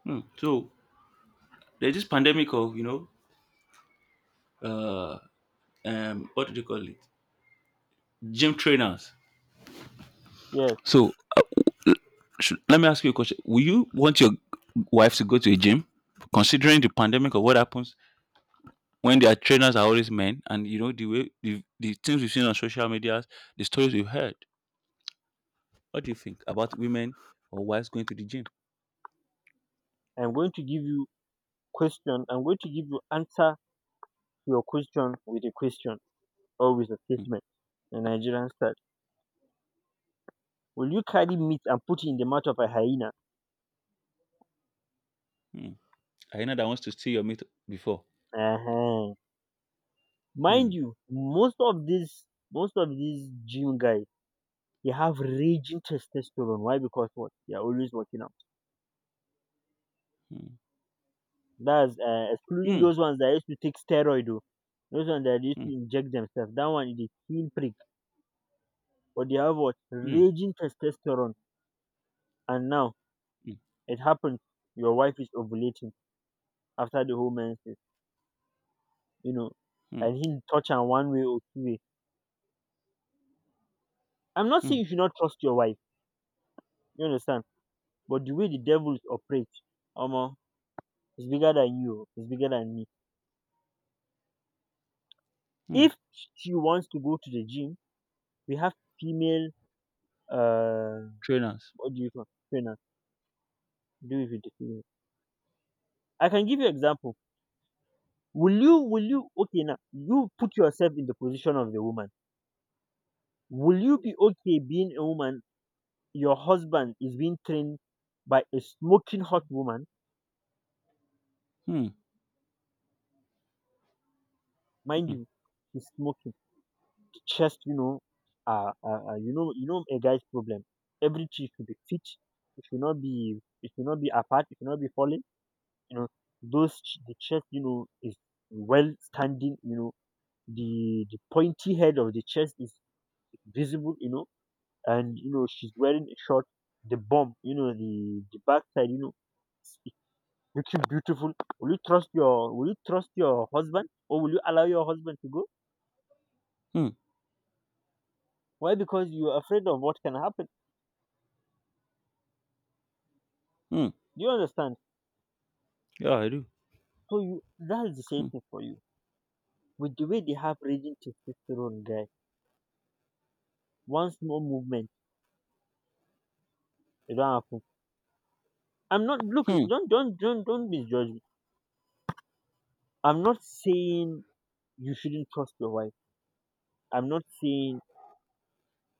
[SPEAKER 2] hmm. So there's this pandemic of uh what do they call it? Gym trainers.
[SPEAKER 1] Yes,
[SPEAKER 2] So let me ask you a question: will you want your wife to go to a gym, considering the pandemic of what happens when their trainers are always men, and you know the way the things we've seen on social media, the stories we've heard? What do you think about women or wives going to the gym?
[SPEAKER 1] I'm going to give you, question, I'm going to give you answer to your question with a question or with a
[SPEAKER 2] Mm,
[SPEAKER 1] statement. The Nigerian style. Will you carry meat and put it in the mouth of a hyena?
[SPEAKER 2] mm. Hyena that wants to steal your meat before
[SPEAKER 1] Uh huh.
[SPEAKER 2] hmm,
[SPEAKER 1] Mind you, most of these gym guys, they have raging testosterone. Why? Because what? They are always working out.
[SPEAKER 2] hmm,
[SPEAKER 1] That's, excluding
[SPEAKER 2] hmm,
[SPEAKER 1] those ones that used to take steroid. Oh, those ones that used
[SPEAKER 2] hmm,
[SPEAKER 1] to inject themselves. That one is a heel prick. But they have what?
[SPEAKER 2] hmm,
[SPEAKER 1] Raging testosterone. And now
[SPEAKER 2] hmm,
[SPEAKER 1] it happens. Your wife is ovulating after the whole menses. You know,
[SPEAKER 2] hmm,
[SPEAKER 1] and he touch her one way or two way. I'm not
[SPEAKER 2] hmm,
[SPEAKER 1] saying you should not trust your wife. You understand? But the way the devils operate, Omo, is bigger than you. It's bigger than me.
[SPEAKER 2] hmm.
[SPEAKER 1] If she wants to go to the gym, we have female, uh
[SPEAKER 2] Trainers.
[SPEAKER 1] what do you call, trainer, do it with the female. I can give you example. Will you okay now, you put yourself in the position of the woman. Will you be okay being a woman? Your husband is being trained by a smoking hot woman.
[SPEAKER 2] Hmm,
[SPEAKER 1] Mind
[SPEAKER 2] hmm,
[SPEAKER 1] you, she's smoking, the chest, you know, a guy's problem. Every cheek should be fit. It should not be apart. It should not be falling. You know, the chest, you know, is well standing. You know, the pointy head of the chest is visible. You know, and you know she's wearing a short. The bum, you know, the backside, you know, it's looking beautiful. Will you trust your husband, or will you allow your husband to go?
[SPEAKER 2] hmm,
[SPEAKER 1] Why? Because you are afraid of what can happen.
[SPEAKER 2] hmm.
[SPEAKER 1] Do you understand?
[SPEAKER 2] Yeah, I do.
[SPEAKER 1] So you, that's the same
[SPEAKER 2] Hmm,
[SPEAKER 1] thing for you. With the way they have raging testosterone, guy, one small movement, it don't happen. I'm not look
[SPEAKER 2] hmm,
[SPEAKER 1] Don't misjudge me. I'm not saying you shouldn't trust your wife. I'm not saying,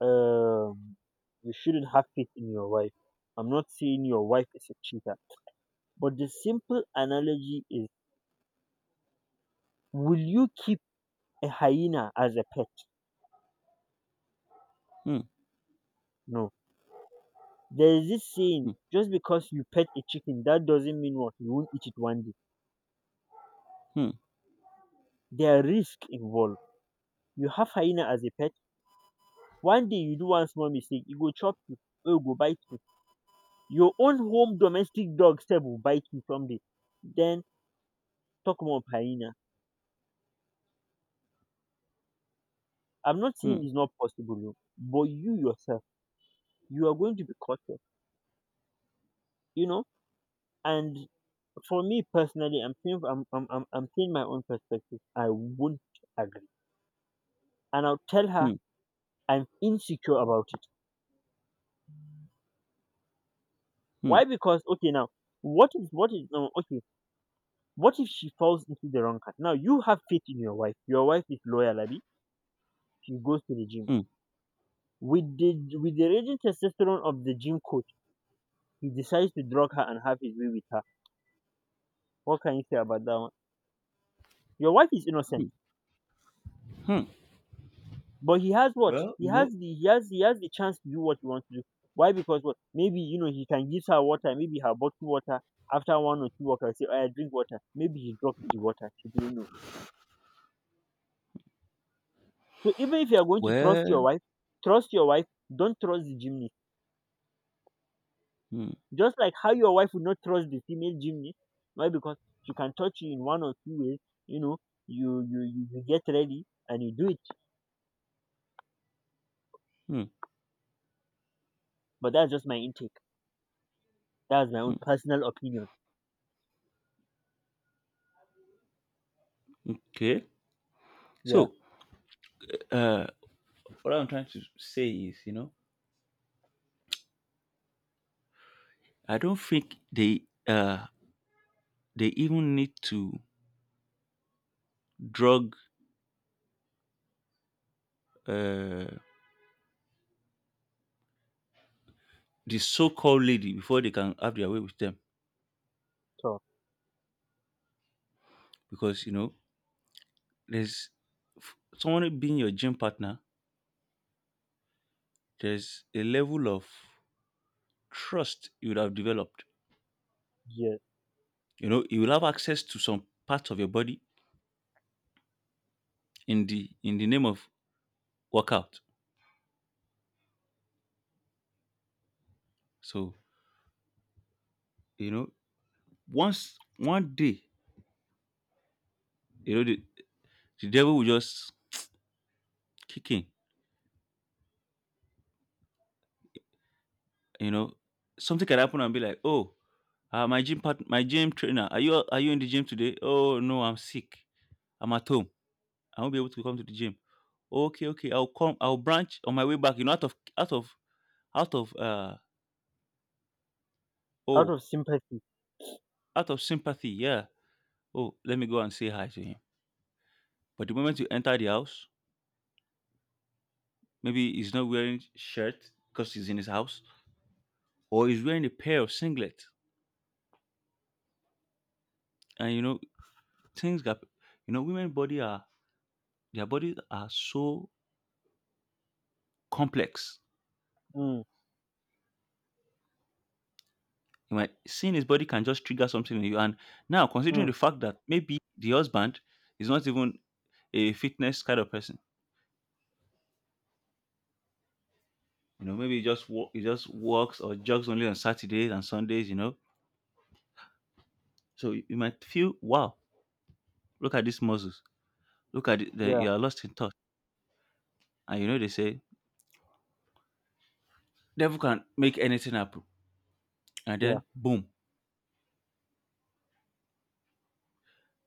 [SPEAKER 1] um you shouldn't have faith in your wife. I'm not saying your wife is a cheater. But the simple analogy is, will you keep a hyena as a pet?
[SPEAKER 2] hmm,
[SPEAKER 1] No. There is this saying,
[SPEAKER 2] hmm,
[SPEAKER 1] just because you pet a chicken, that doesn't mean what you won't eat it one day.
[SPEAKER 2] hmm,
[SPEAKER 1] There are risk involved. You have hyena as a pet, one day you do one small mistake, e go chop you or e go bite you. Your own home domestic dog sef will bite you someday. Then talk more of hyena. I'm not
[SPEAKER 2] hmm,
[SPEAKER 1] saying
[SPEAKER 2] hmm,
[SPEAKER 1] it's not possible o, but you yourself, you are going to be cautious, you know. And for me personally, I'm saying, I'm saying my own perspective, I won't agree. And I'll tell her,
[SPEAKER 2] hmm,
[SPEAKER 1] I'm insecure about it.
[SPEAKER 2] hmm,
[SPEAKER 1] Why? Because okay now, what is now okay, what if she falls into the wrong hand? Now you have faith in your wife. Your wife is loyal, Abi. She goes to the gym.
[SPEAKER 2] hmm,
[SPEAKER 1] With the raging testosterone of the gym coach, he decides to drug her and have his way with her. What can you say about that one? Your wife is innocent,
[SPEAKER 2] hmm.
[SPEAKER 1] but he has what?
[SPEAKER 2] Well, you know.
[SPEAKER 1] He has the chance to do what he wants to do. Why? Because what? Maybe you know, he can give her water, maybe her bottled water. After one or two workers say, "Oh, I drink water." Maybe he dropped the water. She didn't know. So even if you are going to trust your
[SPEAKER 2] Well,
[SPEAKER 1] wife, trust your wife. Don't trust the gym.
[SPEAKER 2] hmm,
[SPEAKER 1] Just like how your wife would not trust the female gymnast. Why? Because she can touch you in one or two ways. You know, you get ready and you do it.
[SPEAKER 2] hmm,
[SPEAKER 1] But that's just my intake. That's my own
[SPEAKER 2] hmm.
[SPEAKER 1] personal opinion.
[SPEAKER 2] Okay,
[SPEAKER 1] Yeah.
[SPEAKER 2] so uh, what I'm trying to say is, I don't think uh they even need to drug uh the so-called lady before they can have their way with them,
[SPEAKER 1] So
[SPEAKER 2] because you know there's someone being your gym partner. There's a level of trust you would have developed.
[SPEAKER 1] yeah,
[SPEAKER 2] You know, you will have access to some parts of your body in the name of workout. So you know, once one day, you know, the devil will just kick in. You know, something can happen and be like, oh, my my gym trainer, are you in the gym today? Oh no, I'm sick. I'm at home. I won't be able to come to the gym. Okay, okay, I'll come. I'll branch on my way back. You know, out of uh
[SPEAKER 1] out
[SPEAKER 2] oh,
[SPEAKER 1] of sympathy.
[SPEAKER 2] out of sympathy. Yeah. Oh, let me go and say hi to him. But the moment you enter the house, maybe he's not wearing shirt because he's in his house, or he's wearing a pair of singlet. And you know, things got, you know, women body are their bodies are so complex.
[SPEAKER 1] Mm,
[SPEAKER 2] You might, seeing his body, can just trigger something in you. And now considering
[SPEAKER 1] mm,
[SPEAKER 2] the fact that maybe the husband is not even a fitness kind of person. You know, maybe he just walks or jogs only on Saturdays and Sundays. You know, so you might feel, wow, look at these muscles, look at it, then
[SPEAKER 1] yeah,
[SPEAKER 2] you are lost in thought, and you know they say devil can make anything happen, and
[SPEAKER 1] yeah,
[SPEAKER 2] then boom,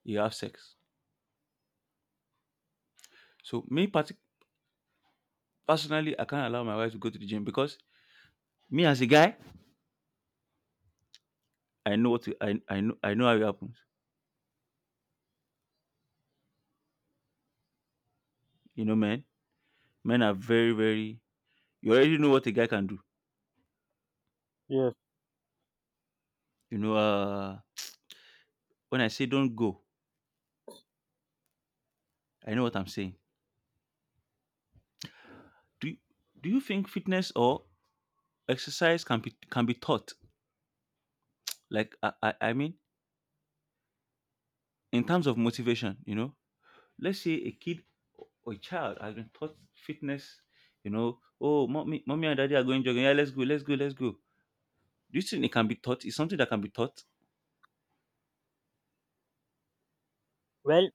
[SPEAKER 2] you have sex. So personally, I can't allow my wife to go to the gym, because me as a guy, I know how it happens. You know, men are very, very, you already know what a guy can do.
[SPEAKER 1] yes.
[SPEAKER 2] You know, when I say don't go, I know what I'm saying. Do you, do you think fitness or exercise can be taught? Like I mean, in terms of motivation, you know, let's say a kid or a child has been taught fitness. You know, oh, mommy and daddy are going jogging. Yeah, let's go, let's go, let's go. Do you think it can be taught? It's something that can be taught.
[SPEAKER 1] Well,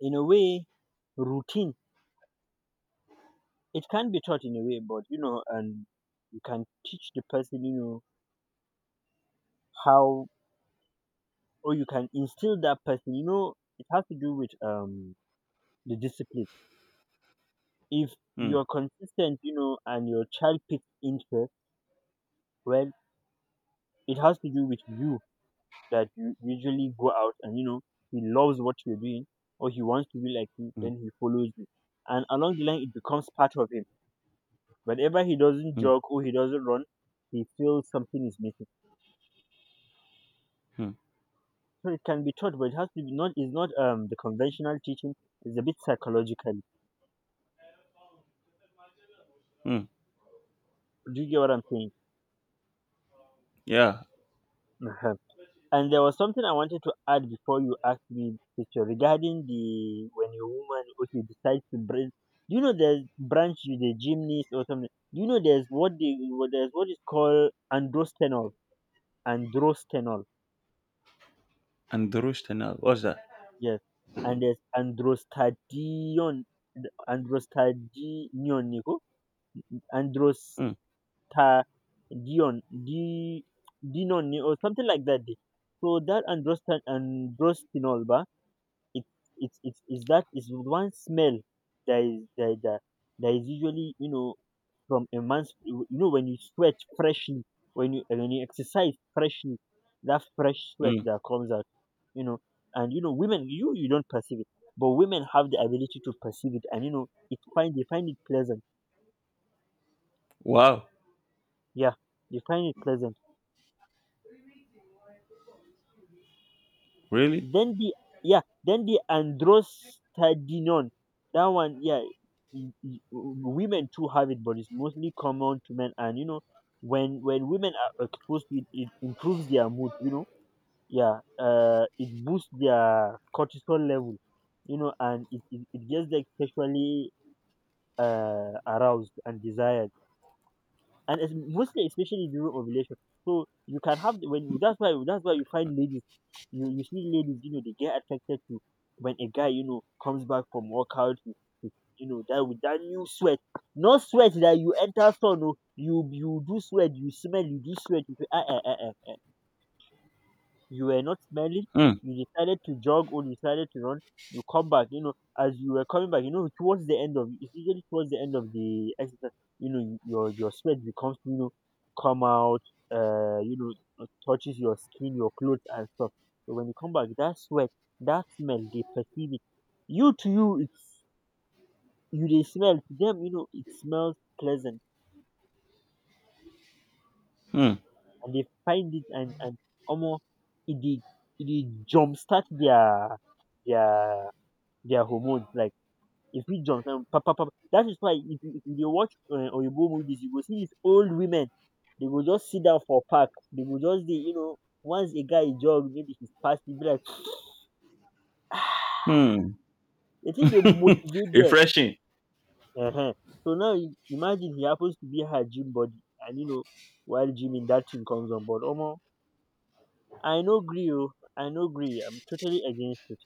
[SPEAKER 1] in a way, routine, it can be taught in a way, but you know, and you can teach the person, you know, how, or you can instill that person. You know, it has to do with the discipline if
[SPEAKER 2] Hmm,
[SPEAKER 1] you're consistent, you know, and your child picks interest, well, it has to do with you that you usually go out and, you know, he loves what you're doing or he wants to be like you,
[SPEAKER 2] hmm,
[SPEAKER 1] then he follows you. And along the line, it becomes part of him. Whenever he doesn't
[SPEAKER 2] hmm,
[SPEAKER 1] jog or he doesn't run, he feels something is missing.
[SPEAKER 2] hmm,
[SPEAKER 1] So it can be taught, but it has to be not, it's not the conventional teaching, it's a bit psychological.
[SPEAKER 2] hmm.
[SPEAKER 1] Do you get what I'm saying?
[SPEAKER 2] Yeah,
[SPEAKER 1] And there was something I wanted to add before you asked me this question regarding the when a woman okay decides to break. Do you know there's branch you the gymnast or something? Do you know there's what the what there's what is called androstenol, androstenol,
[SPEAKER 2] and the roast and all. What's that?
[SPEAKER 1] yes, and there's androstadion, androstadion, Nico, androstadion,
[SPEAKER 2] Hmm,
[SPEAKER 1] di, dinon, or something like that. So that androstan androstenol, ba It it's that is one smell that is that that that is usually, you know, from a man's, you know, when you sweat freshly, when you exercise freshly, that fresh sweat
[SPEAKER 2] hmm.
[SPEAKER 1] that comes out, you know. And you know women, you don't perceive it, but women have the ability to perceive it, and you know it find they find it pleasant.
[SPEAKER 2] Wow.
[SPEAKER 1] Yeah, they find it pleasant.
[SPEAKER 2] Really?
[SPEAKER 1] Then the yeah, then the androstadinon, that one, yeah, women too have it, but it's mostly common to men. And you know, when women are exposed to it, it improves their mood. You know, yeah, it boosts their cortisol level. You know, and it gets them sexually aroused and desired, and it's mostly especially during ovulation. So you can have when that's why you find ladies, you see ladies, you know, they get attracted to when a guy, you know, comes back from workout, he- you know, that with that new sweat, not sweat that you enter sun, no, you do sweat, you smell, you do sweat, you feel, ah, ah, ah, ah, you were not smelling,
[SPEAKER 2] Hmm,
[SPEAKER 1] you decided to jog or you decided to run, you come back, you know, as you were coming back, you know, towards the end of it's usually towards the end of the exercise, you know, your sweat becomes, you know, come out, you know, touches your skin, your clothes and stuff. So when you come back, that sweat, that smell, they perceive it. You to you, it's you they smell to them, you know, it smells pleasant,
[SPEAKER 2] hmm,
[SPEAKER 1] and they find it, and almost it they, it they jumpstart their their their hormones. Like if you jump down, pop, pop, pop. That is why if if you dey watch Oyibo movies, you go see these old women. They go just sit down for park. They go just dey, you know, once a guy jog, maybe he's past, he be like,
[SPEAKER 2] hmm.
[SPEAKER 1] the thing dey motivate them.
[SPEAKER 2] Refreshing.
[SPEAKER 1] uh So now you- imagine he happens to be her gym body, and you know, while gymming, that thing comes on board. Omo, I no gree, oh, I no gree. I'm totally against it.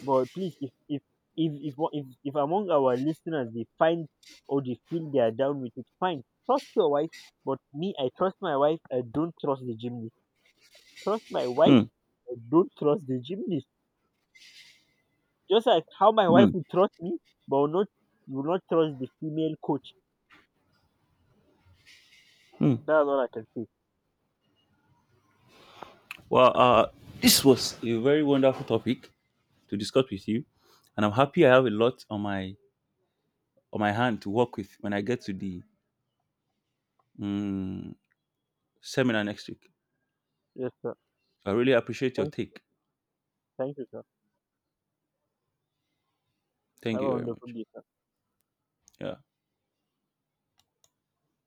[SPEAKER 1] But please, if one- if among our listeners they find or they feel they are down with it, fine. Trust your wife. But me, I trust my wife. I don't trust the gymnast. Trust my wife.
[SPEAKER 2] Hmm,
[SPEAKER 1] I don't trust the gymnast. Just like how my wife
[SPEAKER 2] hmm,
[SPEAKER 1] will trust me, but will not trust the female coach.
[SPEAKER 2] hmm.
[SPEAKER 1] That's all I can say.
[SPEAKER 2] Well, this was a very wonderful topic to discuss with you, and I'm happy I have a lot on my, on my hand to work with when I get to the, mm, seminar next week.
[SPEAKER 1] Yes, sir.
[SPEAKER 2] So I really appreciate your
[SPEAKER 1] Thank you. Sir.
[SPEAKER 2] take.
[SPEAKER 1] Thank you, sir.
[SPEAKER 2] Thank
[SPEAKER 1] Have
[SPEAKER 2] you
[SPEAKER 1] a
[SPEAKER 2] very
[SPEAKER 1] wonderful
[SPEAKER 2] much.
[SPEAKER 1] day.
[SPEAKER 2] Yeah.